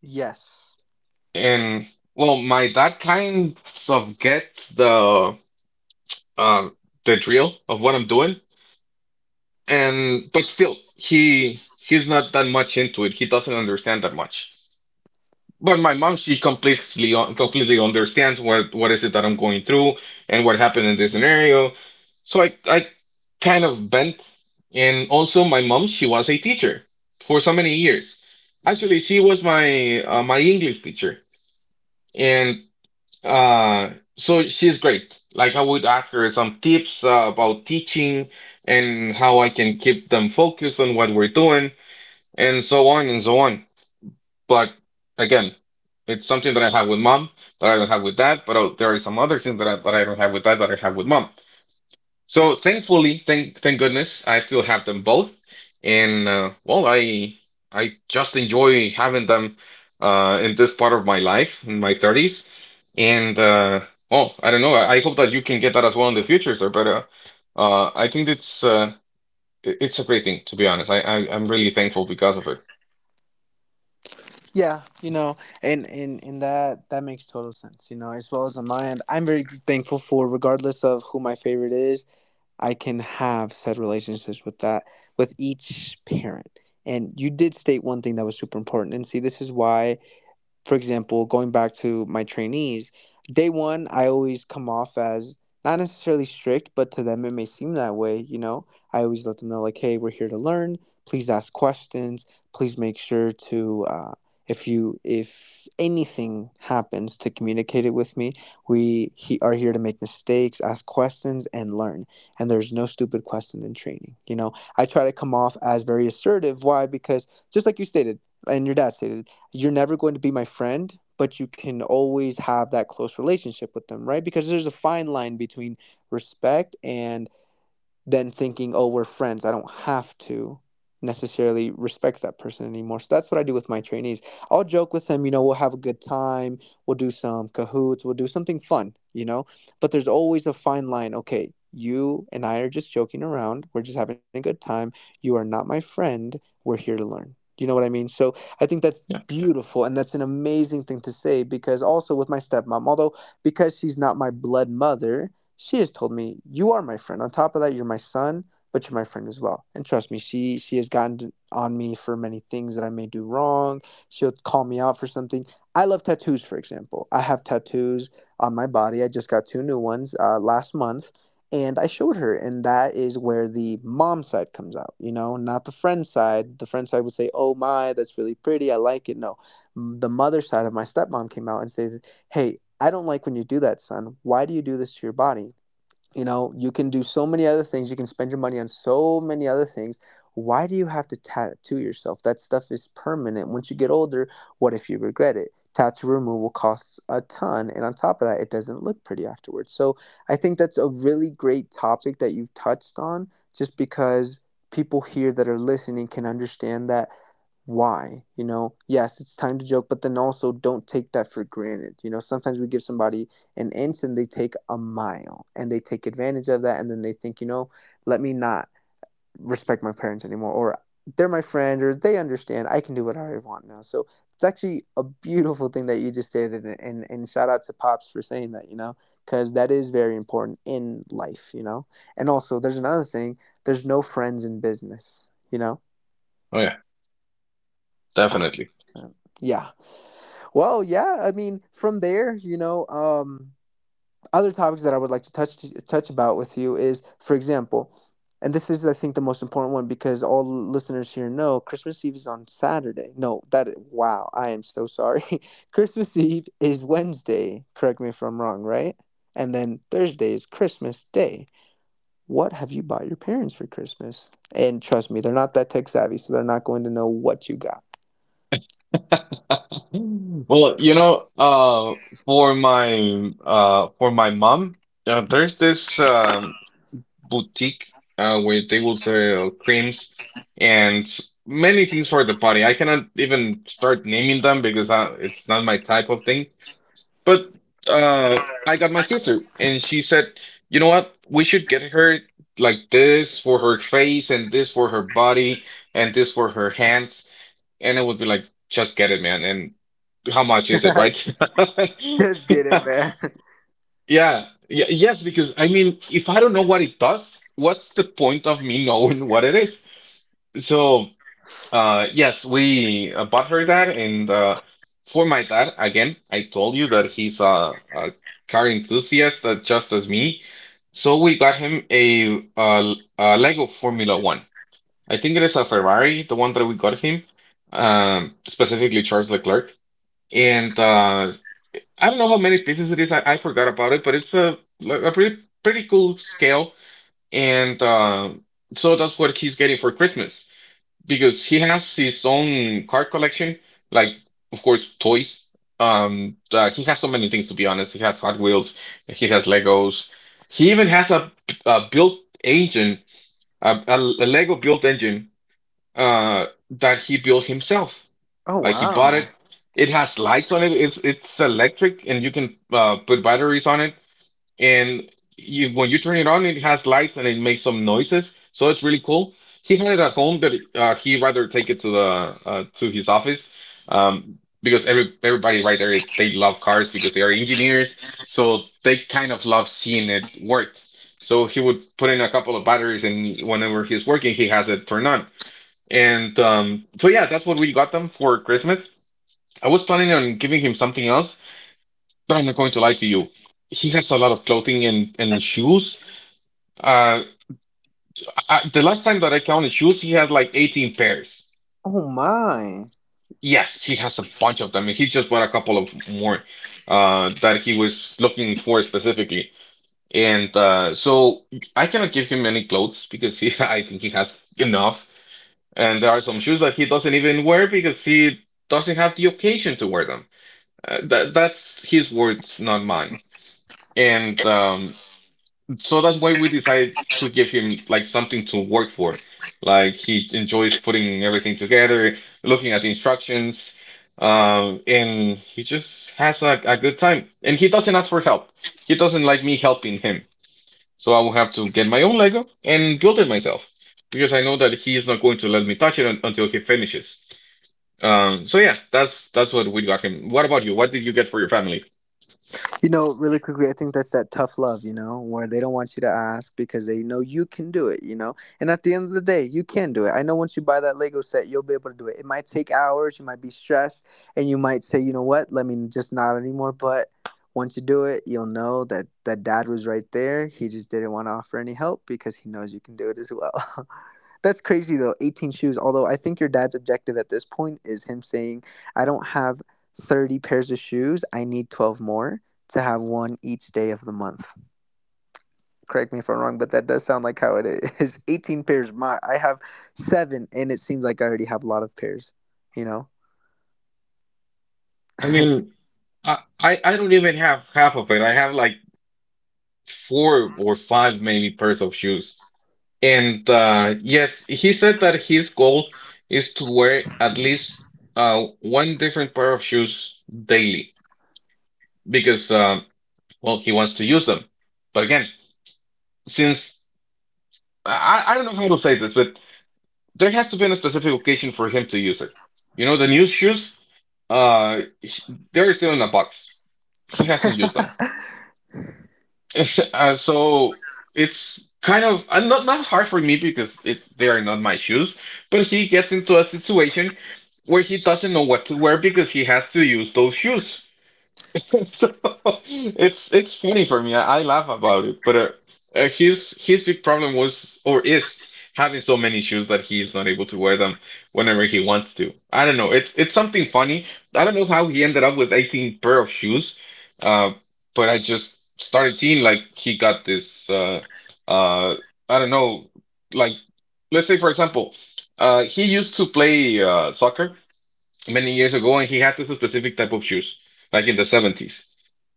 [SPEAKER 1] Yes.
[SPEAKER 2] And well, my dad kind of gets the uh, the drill of what I'm doing, and but still, he he's not that much into it. He doesn't understand that much. But my mom, she completely completely understands what what is it that I'm going through and what happened in this scenario. So I I kind of bent. And also, my mom, she was a teacher for so many years. Actually, she was my uh, my English teacher, and uh, so she's great. Like I would ask her some tips uh, about teaching and how I can keep them focused on what we're doing, and so on and so on. But again, it's something that I have with mom that I don't have with dad. But oh, there are some other things that I, that I don't have with dad that I have with mom. So thankfully, thank thank goodness, I still have them both, and uh, well, I I just enjoy having them uh, in this part of my life in my thirties, and uh, well, I don't know. I I hope that you can get that as well in the future, sir. But uh, uh, I think it's uh, it- it's a great thing to be honest. I, I I'm really thankful because of it.
[SPEAKER 1] Yeah, you know, and, and and that that makes total sense, you know, as well as on my end. I'm very thankful for regardless of who my favorite is, I can have said relationships with that with each parent. And you did state one thing that was super important. And see, this is why, for example, going back to my trainees, day one, I always come off as not necessarily strict, but to them, it may seem that way. You know, I always let them know, like, hey, we're here to learn. Please ask questions. Please make sure to, uh, if you, if anything happens, to communicate it with me. We he, are here to make mistakes, ask questions, and learn. And there's no stupid question in training. You know, I try to come off as very assertive. Why? Because just like you stated, and your dad stated, you're never going to be my friend, but you can always have that close relationship with them, right? Because there's a fine line between respect and than thinking, oh, we're friends. I don't have to necessarily respect that person anymore. So that's what I do with my trainees. I'll joke with them, you know, we'll have a good time, we'll do some cahoots, we'll do something fun, you know, but there's always a fine line. Okay, you and I are just joking around, we're just having a good time. You are not my friend, we're here to learn. Do you know what I mean? So I think that's beautiful, and that's an amazing thing to say, because also with my stepmom, although because she's not my blood mother, she has told me, "You are my friend. On top of that, you're my son, but you're my friend as well." And trust me, she she has gotten on me for many things that I may do wrong. She'll call me out for something. I love tattoos, for example. I have tattoos on my body. I just got two new ones uh, last month, and I showed her, and that is where the mom side comes out. You know, not the friend side. The friend side would say, "Oh my, that's really pretty. I like it." No, the mother side of my stepmom came out and say, "Hey, I don't like when you do that, son. Why do you do this to your body? You know, you can do so many other things. You can spend your money on so many other things. Why do you have to tattoo yourself? That stuff is permanent. Once you get older, what if you regret it? Tattoo removal costs a ton. And on top of that, it doesn't look pretty afterwards." So I think that's a really great topic that you've touched on, just because people here that are listening can understand that, why, you know, yes, it's time to joke, but then also don't take that for granted, you know. Sometimes we give somebody an inch and they take a mile, and they take advantage of that, and then they think, you know, let me not respect my parents anymore, or they're my friend, or they understand I can do what I want now. So it's actually a beautiful thing that you just stated, and and, and shout out to pops for saying that, you know, because that is very important in life, you know. And also, there's another thing, there's no friends in business, you know.
[SPEAKER 2] Oh yeah, definitely.
[SPEAKER 1] one hundred percent. Yeah. Well, yeah, I mean, from there, you know, um, other topics that I would like to touch to, touch about with you is, for example, and this is, I think, the most important one, because all listeners here know Christmas Eve is on Saturday. No, that is, wow, I am so sorry. (laughs) Christmas Eve is Wednesday. Correct me if I'm wrong, right? And then Thursday is Christmas Day. What have you bought your parents for Christmas? And trust me, they're not that tech savvy, so they're not going to know what you got.
[SPEAKER 2] (laughs) Well, you know, uh, for my uh, for my mom, uh, there's this um, boutique uh, where they will sell creams and s- many things for the body. I cannot even start naming them because I, it's not my type of thing. But uh, I got my sister, and she said, "You know what? We should get her like this for her face, and this for her body, and this for her hands." And it would be like, "Just get it, man." And how much is it,
[SPEAKER 1] (laughs)
[SPEAKER 2] right?
[SPEAKER 1] Just get it,
[SPEAKER 2] (laughs)
[SPEAKER 1] man. (laughs)
[SPEAKER 2] Yeah, yeah, yes. Because I mean, if I don't know what it does, what's the point of me knowing what it is? So. Uh, yes, we uh, bought her that, and uh, for my dad, again, I told you that he's a, a car enthusiast, uh, just as me. So we got him a, uh a Lego Formula One. I think it is a Ferrari, the one that we got him, um, specifically Charles Leclerc. And uh, I don't know how many pieces it is. I, I forgot about it, but it's a like a pretty pretty cool scale. And uh, so that's what he's getting for Christmas because he has his own card collection, like of course toys. Um, uh, he has so many things to be honest. He has Hot Wheels, he has Legos. He even has a, a built engine, a, a, a Lego built engine, uh, that he built himself.
[SPEAKER 1] Oh,
[SPEAKER 2] Like he bought
[SPEAKER 1] wow.
[SPEAKER 2] it. It has lights on it. It's it's electric, and you can uh, put batteries on it and you when you turn it on, it has lights and it makes some noises, so it's really cool. He had it at home, but uh, he rather take it to the uh, to his office um, because every everybody right there they love cars because they are engineers, so they kind of love seeing it work. So he would put in a couple of batteries, and whenever he's working, he has it turned on. And um, so yeah, that's what we got them for Christmas. I was planning on giving him something else but I'm not going to lie to you. He has a lot of clothing and, and shoes. Uh, I, the last time that I counted shoes, he had like eighteen pairs.
[SPEAKER 1] Oh my.
[SPEAKER 2] Yes, he has a bunch of them, and he just bought a couple of more uh, that he was looking for specifically. And uh, so I cannot give him any clothes because he, (laughs) I think he has enough. And there are some shoes that he doesn't even wear because he doesn't have the occasion to wear them. Uh, that that's his words, not mine. And um, So that's why we decided to give him like something to work for. Like he enjoys putting everything together, looking at the instructions, um, and he just has a, a good time. And he doesn't ask for help. He doesn't like me helping him. So I will have to get my own Lego and build it myself because I know that he is not going to let me touch it un until he finishes. Um, so yeah, that's that's what we got him. What about you? What did you get for your family?
[SPEAKER 1] You know, really quickly, I think that's that tough love, you know, where they don't want you to ask because they know you can do it, you know. And at the end of the day, you can do it. I know once you buy that Lego set, you'll be able to do it. It might take hours, you might be stressed, and you might say, you know what, let me just not anymore. But once you do it, you'll know that that dad was right there. He just didn't want to offer any help because he knows you can do it as well. (laughs) That's crazy though, eighteen shoes. Although I think your dad's objective at this point is him saying, I don't have thirty pairs of shoes, I need twelve more to have one each day of the month. Correct me if I'm wrong, but that does sound like how it is. (laughs) eighteen pairs. My I have seven, and it seems like I already have a lot of pairs. You know.
[SPEAKER 2] I
[SPEAKER 1] (laughs)
[SPEAKER 2] mean, I, I I don't even have half of it. I have like four or five maybe pairs of shoes. And uh, yes, he said that his goal is to wear at least uh, one different pair of shoes daily because, uh, well, he wants to use them. But again, since I, I don't know how to say this, but there has to be a specific occasion for him to use it. You know, the new shoes, uh, they're still in a box. He hasn't used them. (laughs) Uh, so it's kind of uh, not not hard for me because it they are not my shoes. But he gets into a situation where he doesn't know what to wear because he has to use those shoes. (laughs) So it's it's funny for me. I, I laugh about it, but uh, uh, his his big problem was or is having so many shoes that he is not able to wear them whenever he wants to. I don't know. It's it's something funny. I don't know how he ended up with eighteen pair of shoes, uh, but I just started seeing like he got this. Uh, uh, I don't know. Like let's say for example, uh, he used to play uh, soccer many years ago, and he had this specific type of shoes, like in the seventies,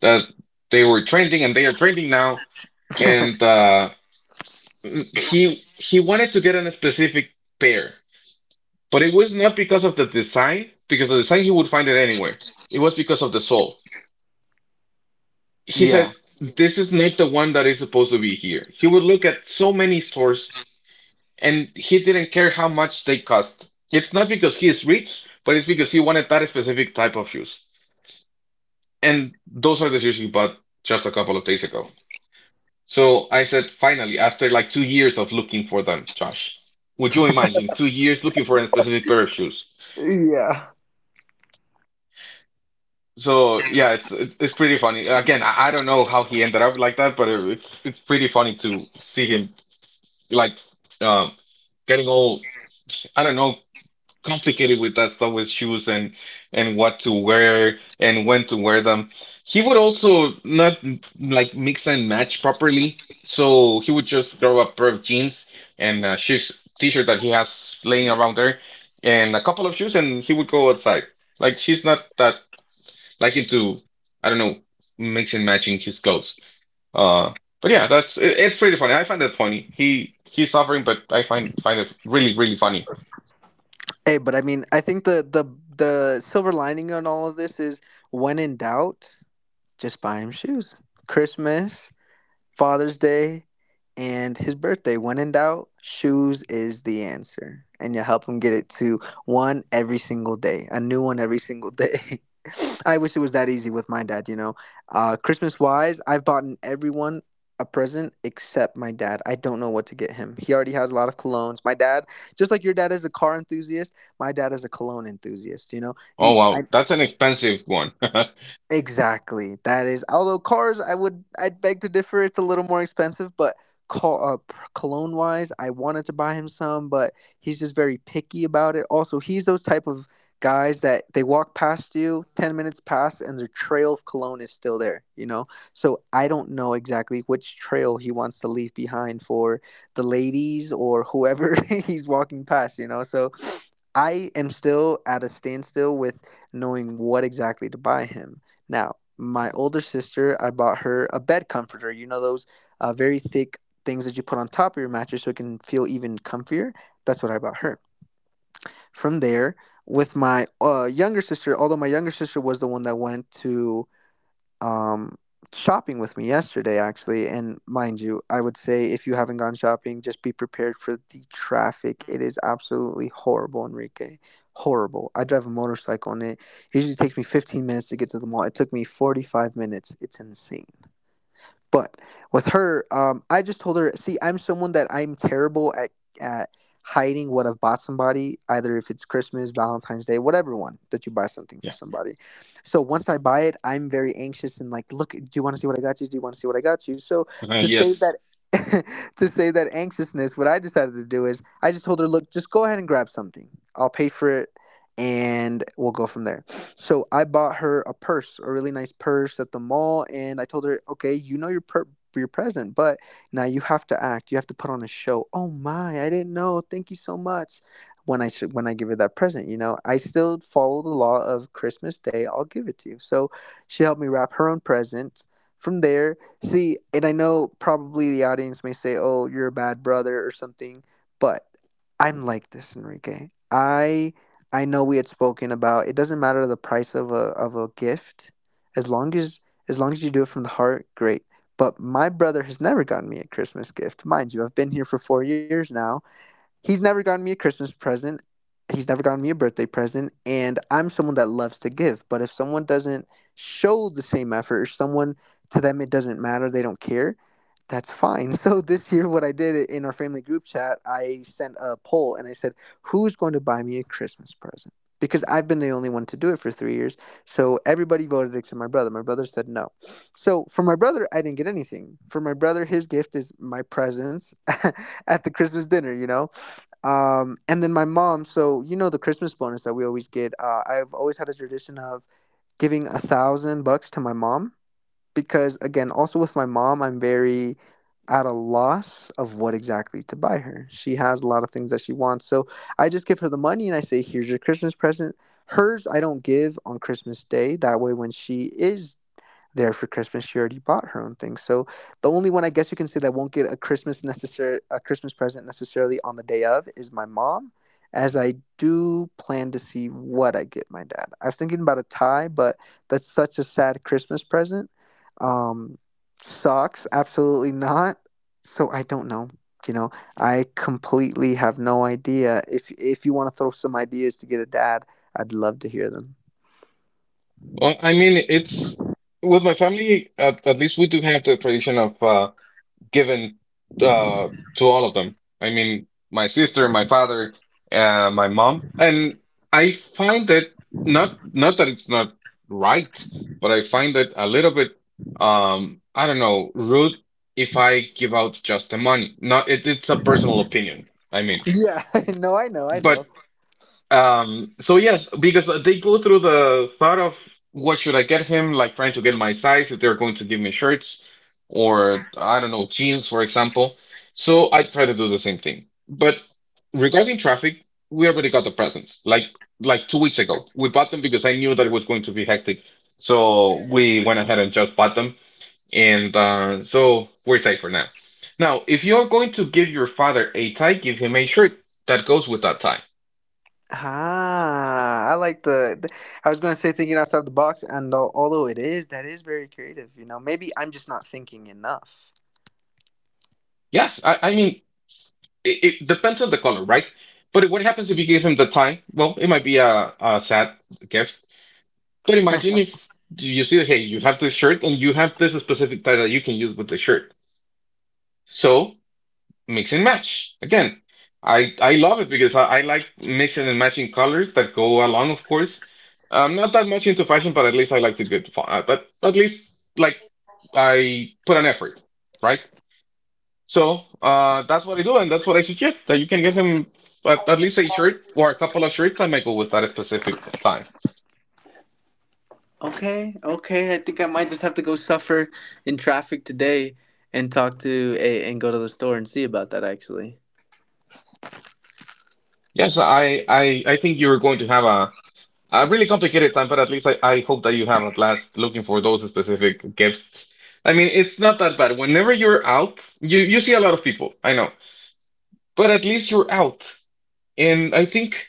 [SPEAKER 2] that they were trending, and they are trending now. And uh, mm, he he wanted to get a specific pair, but it was not because of the design, because the design he would find it anywhere. It was because of the sole. He
[SPEAKER 1] Yeah.
[SPEAKER 2] said, "This is not the one that is supposed to be here." He would look at so many stores, and he didn't care how much they cost. It's not because he is rich, but it's because he wanted that specific type of shoes. And those are the shoes you bought just a couple of days ago. So I said, finally, after like two years of looking for them, Josh, would you imagine two years looking for a specific pair of shoes?
[SPEAKER 1] Yeah.
[SPEAKER 2] So yeah, it's it's, it's pretty funny. Again, I, I don't know how he ended up like that, but it, it's it's pretty funny to see him like um getting all I don't know complicated with that stuff with shoes and and what to wear and when to wear them. He would also not mm, like mix and match properly. So he would just grab a pair of jeans and a shoes t-shirt that he has laying around there and a couple of shoes and he would go outside. Like she's not that like into I don't know, mix and matching his clothes. Uh, but yeah, that's it, it's pretty funny. I find that funny. He he's suffering, but I find find it really really funny.
[SPEAKER 1] Hey, but I mean, I think the the the silver lining on all of this is when in doubt, just buy him shoes. Christmas, Father's Day, and his birthday. When in doubt, shoes is the answer. And you help him get it to one every single day, a new one every single day. (laughs) I wish it was that easy with my dad, you know. Uh, Christmas wise, I've bought everyone a present except my dad. I don't know what to get him. He already has a lot of colognes. My dad, just like your dad is a car enthusiast, my dad is a cologne enthusiast, you know.
[SPEAKER 2] Oh
[SPEAKER 1] You, I,
[SPEAKER 2] wow, that's an expensive one. (laughs)
[SPEAKER 1] Exactly. That is, although cars, I would, I'd beg to differ. It's a little more expensive, but car, uh, p- cologne wise, I wanted to buy him some, but he's just very picky about it. Also, he's those type of guys that they walk past you, ten minutes pass, and their trail of cologne is still there. You know, so I don't know exactly which trail he wants to leave behind for the ladies or whoever (laughs) he's walking past. You know, so I am still at a standstill with knowing what exactly to buy him. Now, my older sister, I bought her a bed comforter. You know those uh, very thick things that you put on top of your mattress so it can feel even comfier? That's what I bought her. From there, with my uh, younger sister, although my younger sister was the one that went to um, shopping with me yesterday, actually. And mind you, I would say if you haven't gone shopping, just be prepared for the traffic. It is absolutely horrible, Enrique. Horrible. I drive a motorcycle and it usually takes me fifteen minutes to get to the mall. It took me forty-five minutes. It's insane. But with her, um, I just told her, see, I'm someone that I'm terrible at at hiding what I've bought somebody, either if it's Christmas, Valentine's Day, whatever one that you buy something for
[SPEAKER 2] Yeah.
[SPEAKER 1] somebody. So once I buy it, I'm very anxious and like, look, do you want to see what I got you? Do you want to see what I got you? So
[SPEAKER 2] Uh,
[SPEAKER 1] to save
[SPEAKER 2] yes.
[SPEAKER 1] that. (laughs) to save that anxiousness, what I decided to do is I just told her, look, just go ahead and grab something. I'll pay for it and we'll go from there. So I bought her a purse, a really nice purse at the mall, and I told her, "Okay, you know your per- your present, but now you have to act. You have to put on a show. Oh my, I didn't know. Thank you so much." When I sh- when I give her that present, you know, I still follow the law of Christmas Day. I'll give it to you. So she helped me wrap her own present. From there, see, and I know probably the audience may say, "Oh, you're a bad brother" or something, but I'm like this, Enrique. I I know we had spoken about it doesn't matter the price of a of a gift, as long as as long as you do it from the heart, great. But my brother has never gotten me a Christmas gift. Mind you, I've been here for four years now. He's never gotten me a Christmas present. He's never gotten me a birthday present. And I'm someone that loves to give. But if someone doesn't show the same effort, or someone, to them it doesn't matter, they don't care, that's fine. (laughs) So this year, what I did in our family group chat, I sent a poll and I said, who's going to buy me a Christmas present? Because I've been the only one to do it for three years. So everybody voted except my brother. My brother said no. So for my brother, I didn't get anything. For my brother, his gift is my presence (laughs) at the Christmas dinner, you know? Um, and then my mom, so you know the Christmas bonus that we always get. Uh, I've always had a tradition of giving a thousand bucks to my mom because, again, also with my mom, I'm very at a loss of what exactly to buy her. She has a lot of things that she wants, so I just give her the money and I say, "Here's your Christmas present." Hers, I don't give on Christmas Day. That way, when she is there for Christmas, she already bought her own thing. So the only one, I guess you can say, that won't get a Christmas necessary a Christmas present necessarily on the day of is my mom, as I do plan to see what I get my dad. I was thinking about a tie, but that's such a sad Christmas present. Um, Socks, absolutely not. So I don't know. You know, I completely have no idea. If if you want to throw some ideas to get a dad, I'd love to hear them.
[SPEAKER 2] Well, I mean, it's with my family. At, at least we do have the tradition of. Uh, given uh, to all of them. I mean, my sister, my father, uh, my mom, and I find that not not that it's not right, but I find it a little bit um I don't know rude if I give out just the money. Not it, it's a personal opinion. I mean,
[SPEAKER 1] Yeah, (laughs) no, I know, I
[SPEAKER 2] but
[SPEAKER 1] know.
[SPEAKER 2] um, so yes, because they go through the thought of what should I get him, like trying to get my size if they're going to give me shirts or I don't know, jeans, for example. So I try to do the same thing. But regarding traffic, we already got the presents. Like like two weeks ago. We bought them because I knew that it was going to be hectic. So we went ahead and just bought them. And uh, so we're safe for now. Now, if you're going to give your father a tie, give him a shirt that goes with that tie.
[SPEAKER 1] Ah, I like the. Th- I was going to say thinking outside the box, and al- although it is, that is very creative. You know, maybe I'm just not thinking enough.
[SPEAKER 2] Yes, I, I mean it, it depends on the color, right? But what happens if you give him the time? Well, it might be a, a sad gift. But imagine if you see, hey, you have this shirt and you have this specific tie that you can use with the shirt. So mix and match. Again, I I love it because I, I like mixing and matching colors that go along, of course. I'm not that much into fashion, but at least I like to good. fa- uh, But at least like I put an effort, right? So uh, that's what I do, and that's what I suggest that you can give him at, at least a shirt or a couple of shirts. I might go with that specific time.
[SPEAKER 1] Okay, okay. I think I might just have to go suffer in traffic today and talk to a and go to the store and see about that actually.
[SPEAKER 2] Yes, I, I, I think you're going to have a, a really complicated time, but at least I, I hope that you have a blast looking for those specific gifts. I mean, it's not that bad. Whenever you're out, you, you see a lot of people, I know, but at least you're out. And I think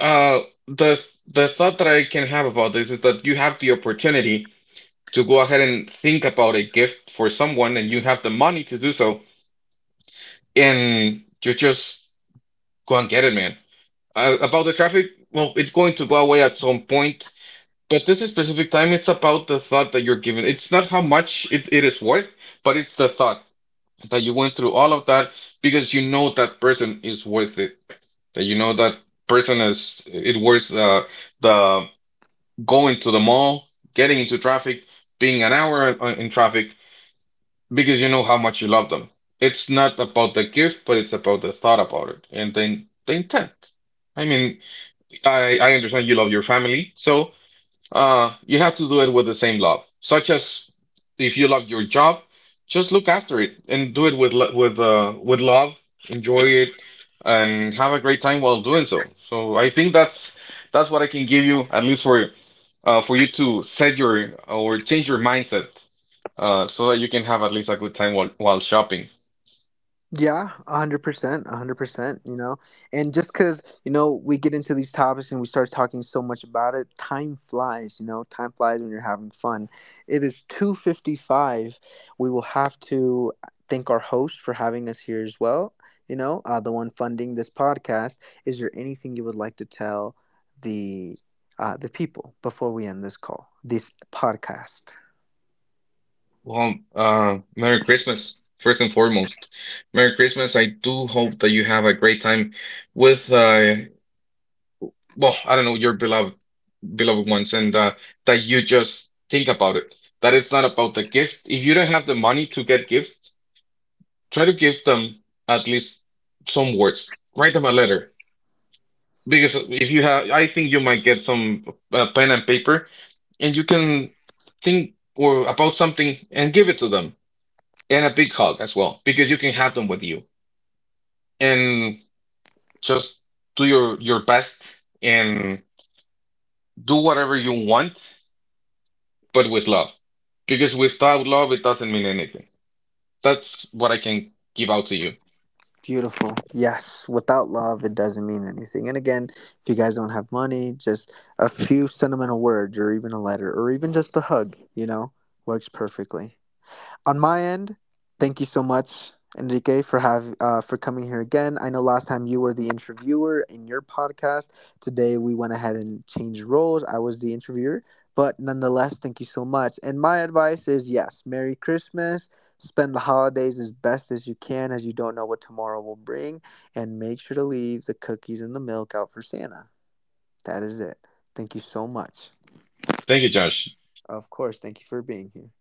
[SPEAKER 2] uh, the the thought that I can have about this is that you have the opportunity to go ahead and think about a gift for someone and you have the money to do so and you just go and get it man uh, about the traffic well it's going to go away at some point but this is specific time it's about the thought that you're giving it's not how much it, it is worth but it's the thought that you went through all of that because you know that person is worth it that you know that person is it worth uh, the going to the mall getting into traffic being an hour in, in traffic because you know how much you love them. It's not about the gift, but it's about the thought about it and the, the intent. I mean, I, I understand you love your family, so uh, you have to do it with the same love. Such as if you love your job, just look after it and do it with lo- with uh, with love, enjoy it, and have a great time while doing so. So I think that's that's what I can give you, at least for uh, for you to set your or change your mindset uh, so that you can have at least a good time while, while shopping.
[SPEAKER 1] Yeah, a hundred percent, a hundred percent. You know, and just because you know we get into these topics and we start talking so much about it, time flies. You know, time flies when you're having fun. It is two fifty five. We will have to thank our host for having us here as well. You know, uh, the one funding this podcast. Is there anything you would like to tell the uh, the people before we end this call, this podcast?
[SPEAKER 2] Well, uh, Merry Christmas, first and foremost. Merry Christmas. I do hope that you have a great time with, uh, well, I don't know, your beloved beloved ones, and uh, that you just think about it. That it's not about the gift. If you don't have the money to get gifts, try to give them at least some words. Write them a letter. Because if you have, I think you might get some uh, pen and paper, and you can think or about something and give it to them, and a big hug as well, because you can have them with you, and just do your your best and do whatever you want, but with love, because without love, it doesn't mean anything. That's what I can give out to you.
[SPEAKER 1] Beautiful. Yes. Without love, it doesn't mean anything. And again, if you guys don't have money, just a few sentimental words or even a letter or even just a hug, you know, works perfectly on my end. Thank you so much, Enrique, for have uh, for coming here again. I know last time you were the interviewer in your podcast. Today we went ahead and changed roles. I was the interviewer, but nonetheless, thank you so much. And my advice is yes, Merry Christmas. Spend the holidays as best as you can, as you don't know what tomorrow will bring. And make sure to leave the cookies and the milk out for Santa. That is it. Thank you so much.
[SPEAKER 2] Thank you, Josh.
[SPEAKER 1] Of course, thank you for being here.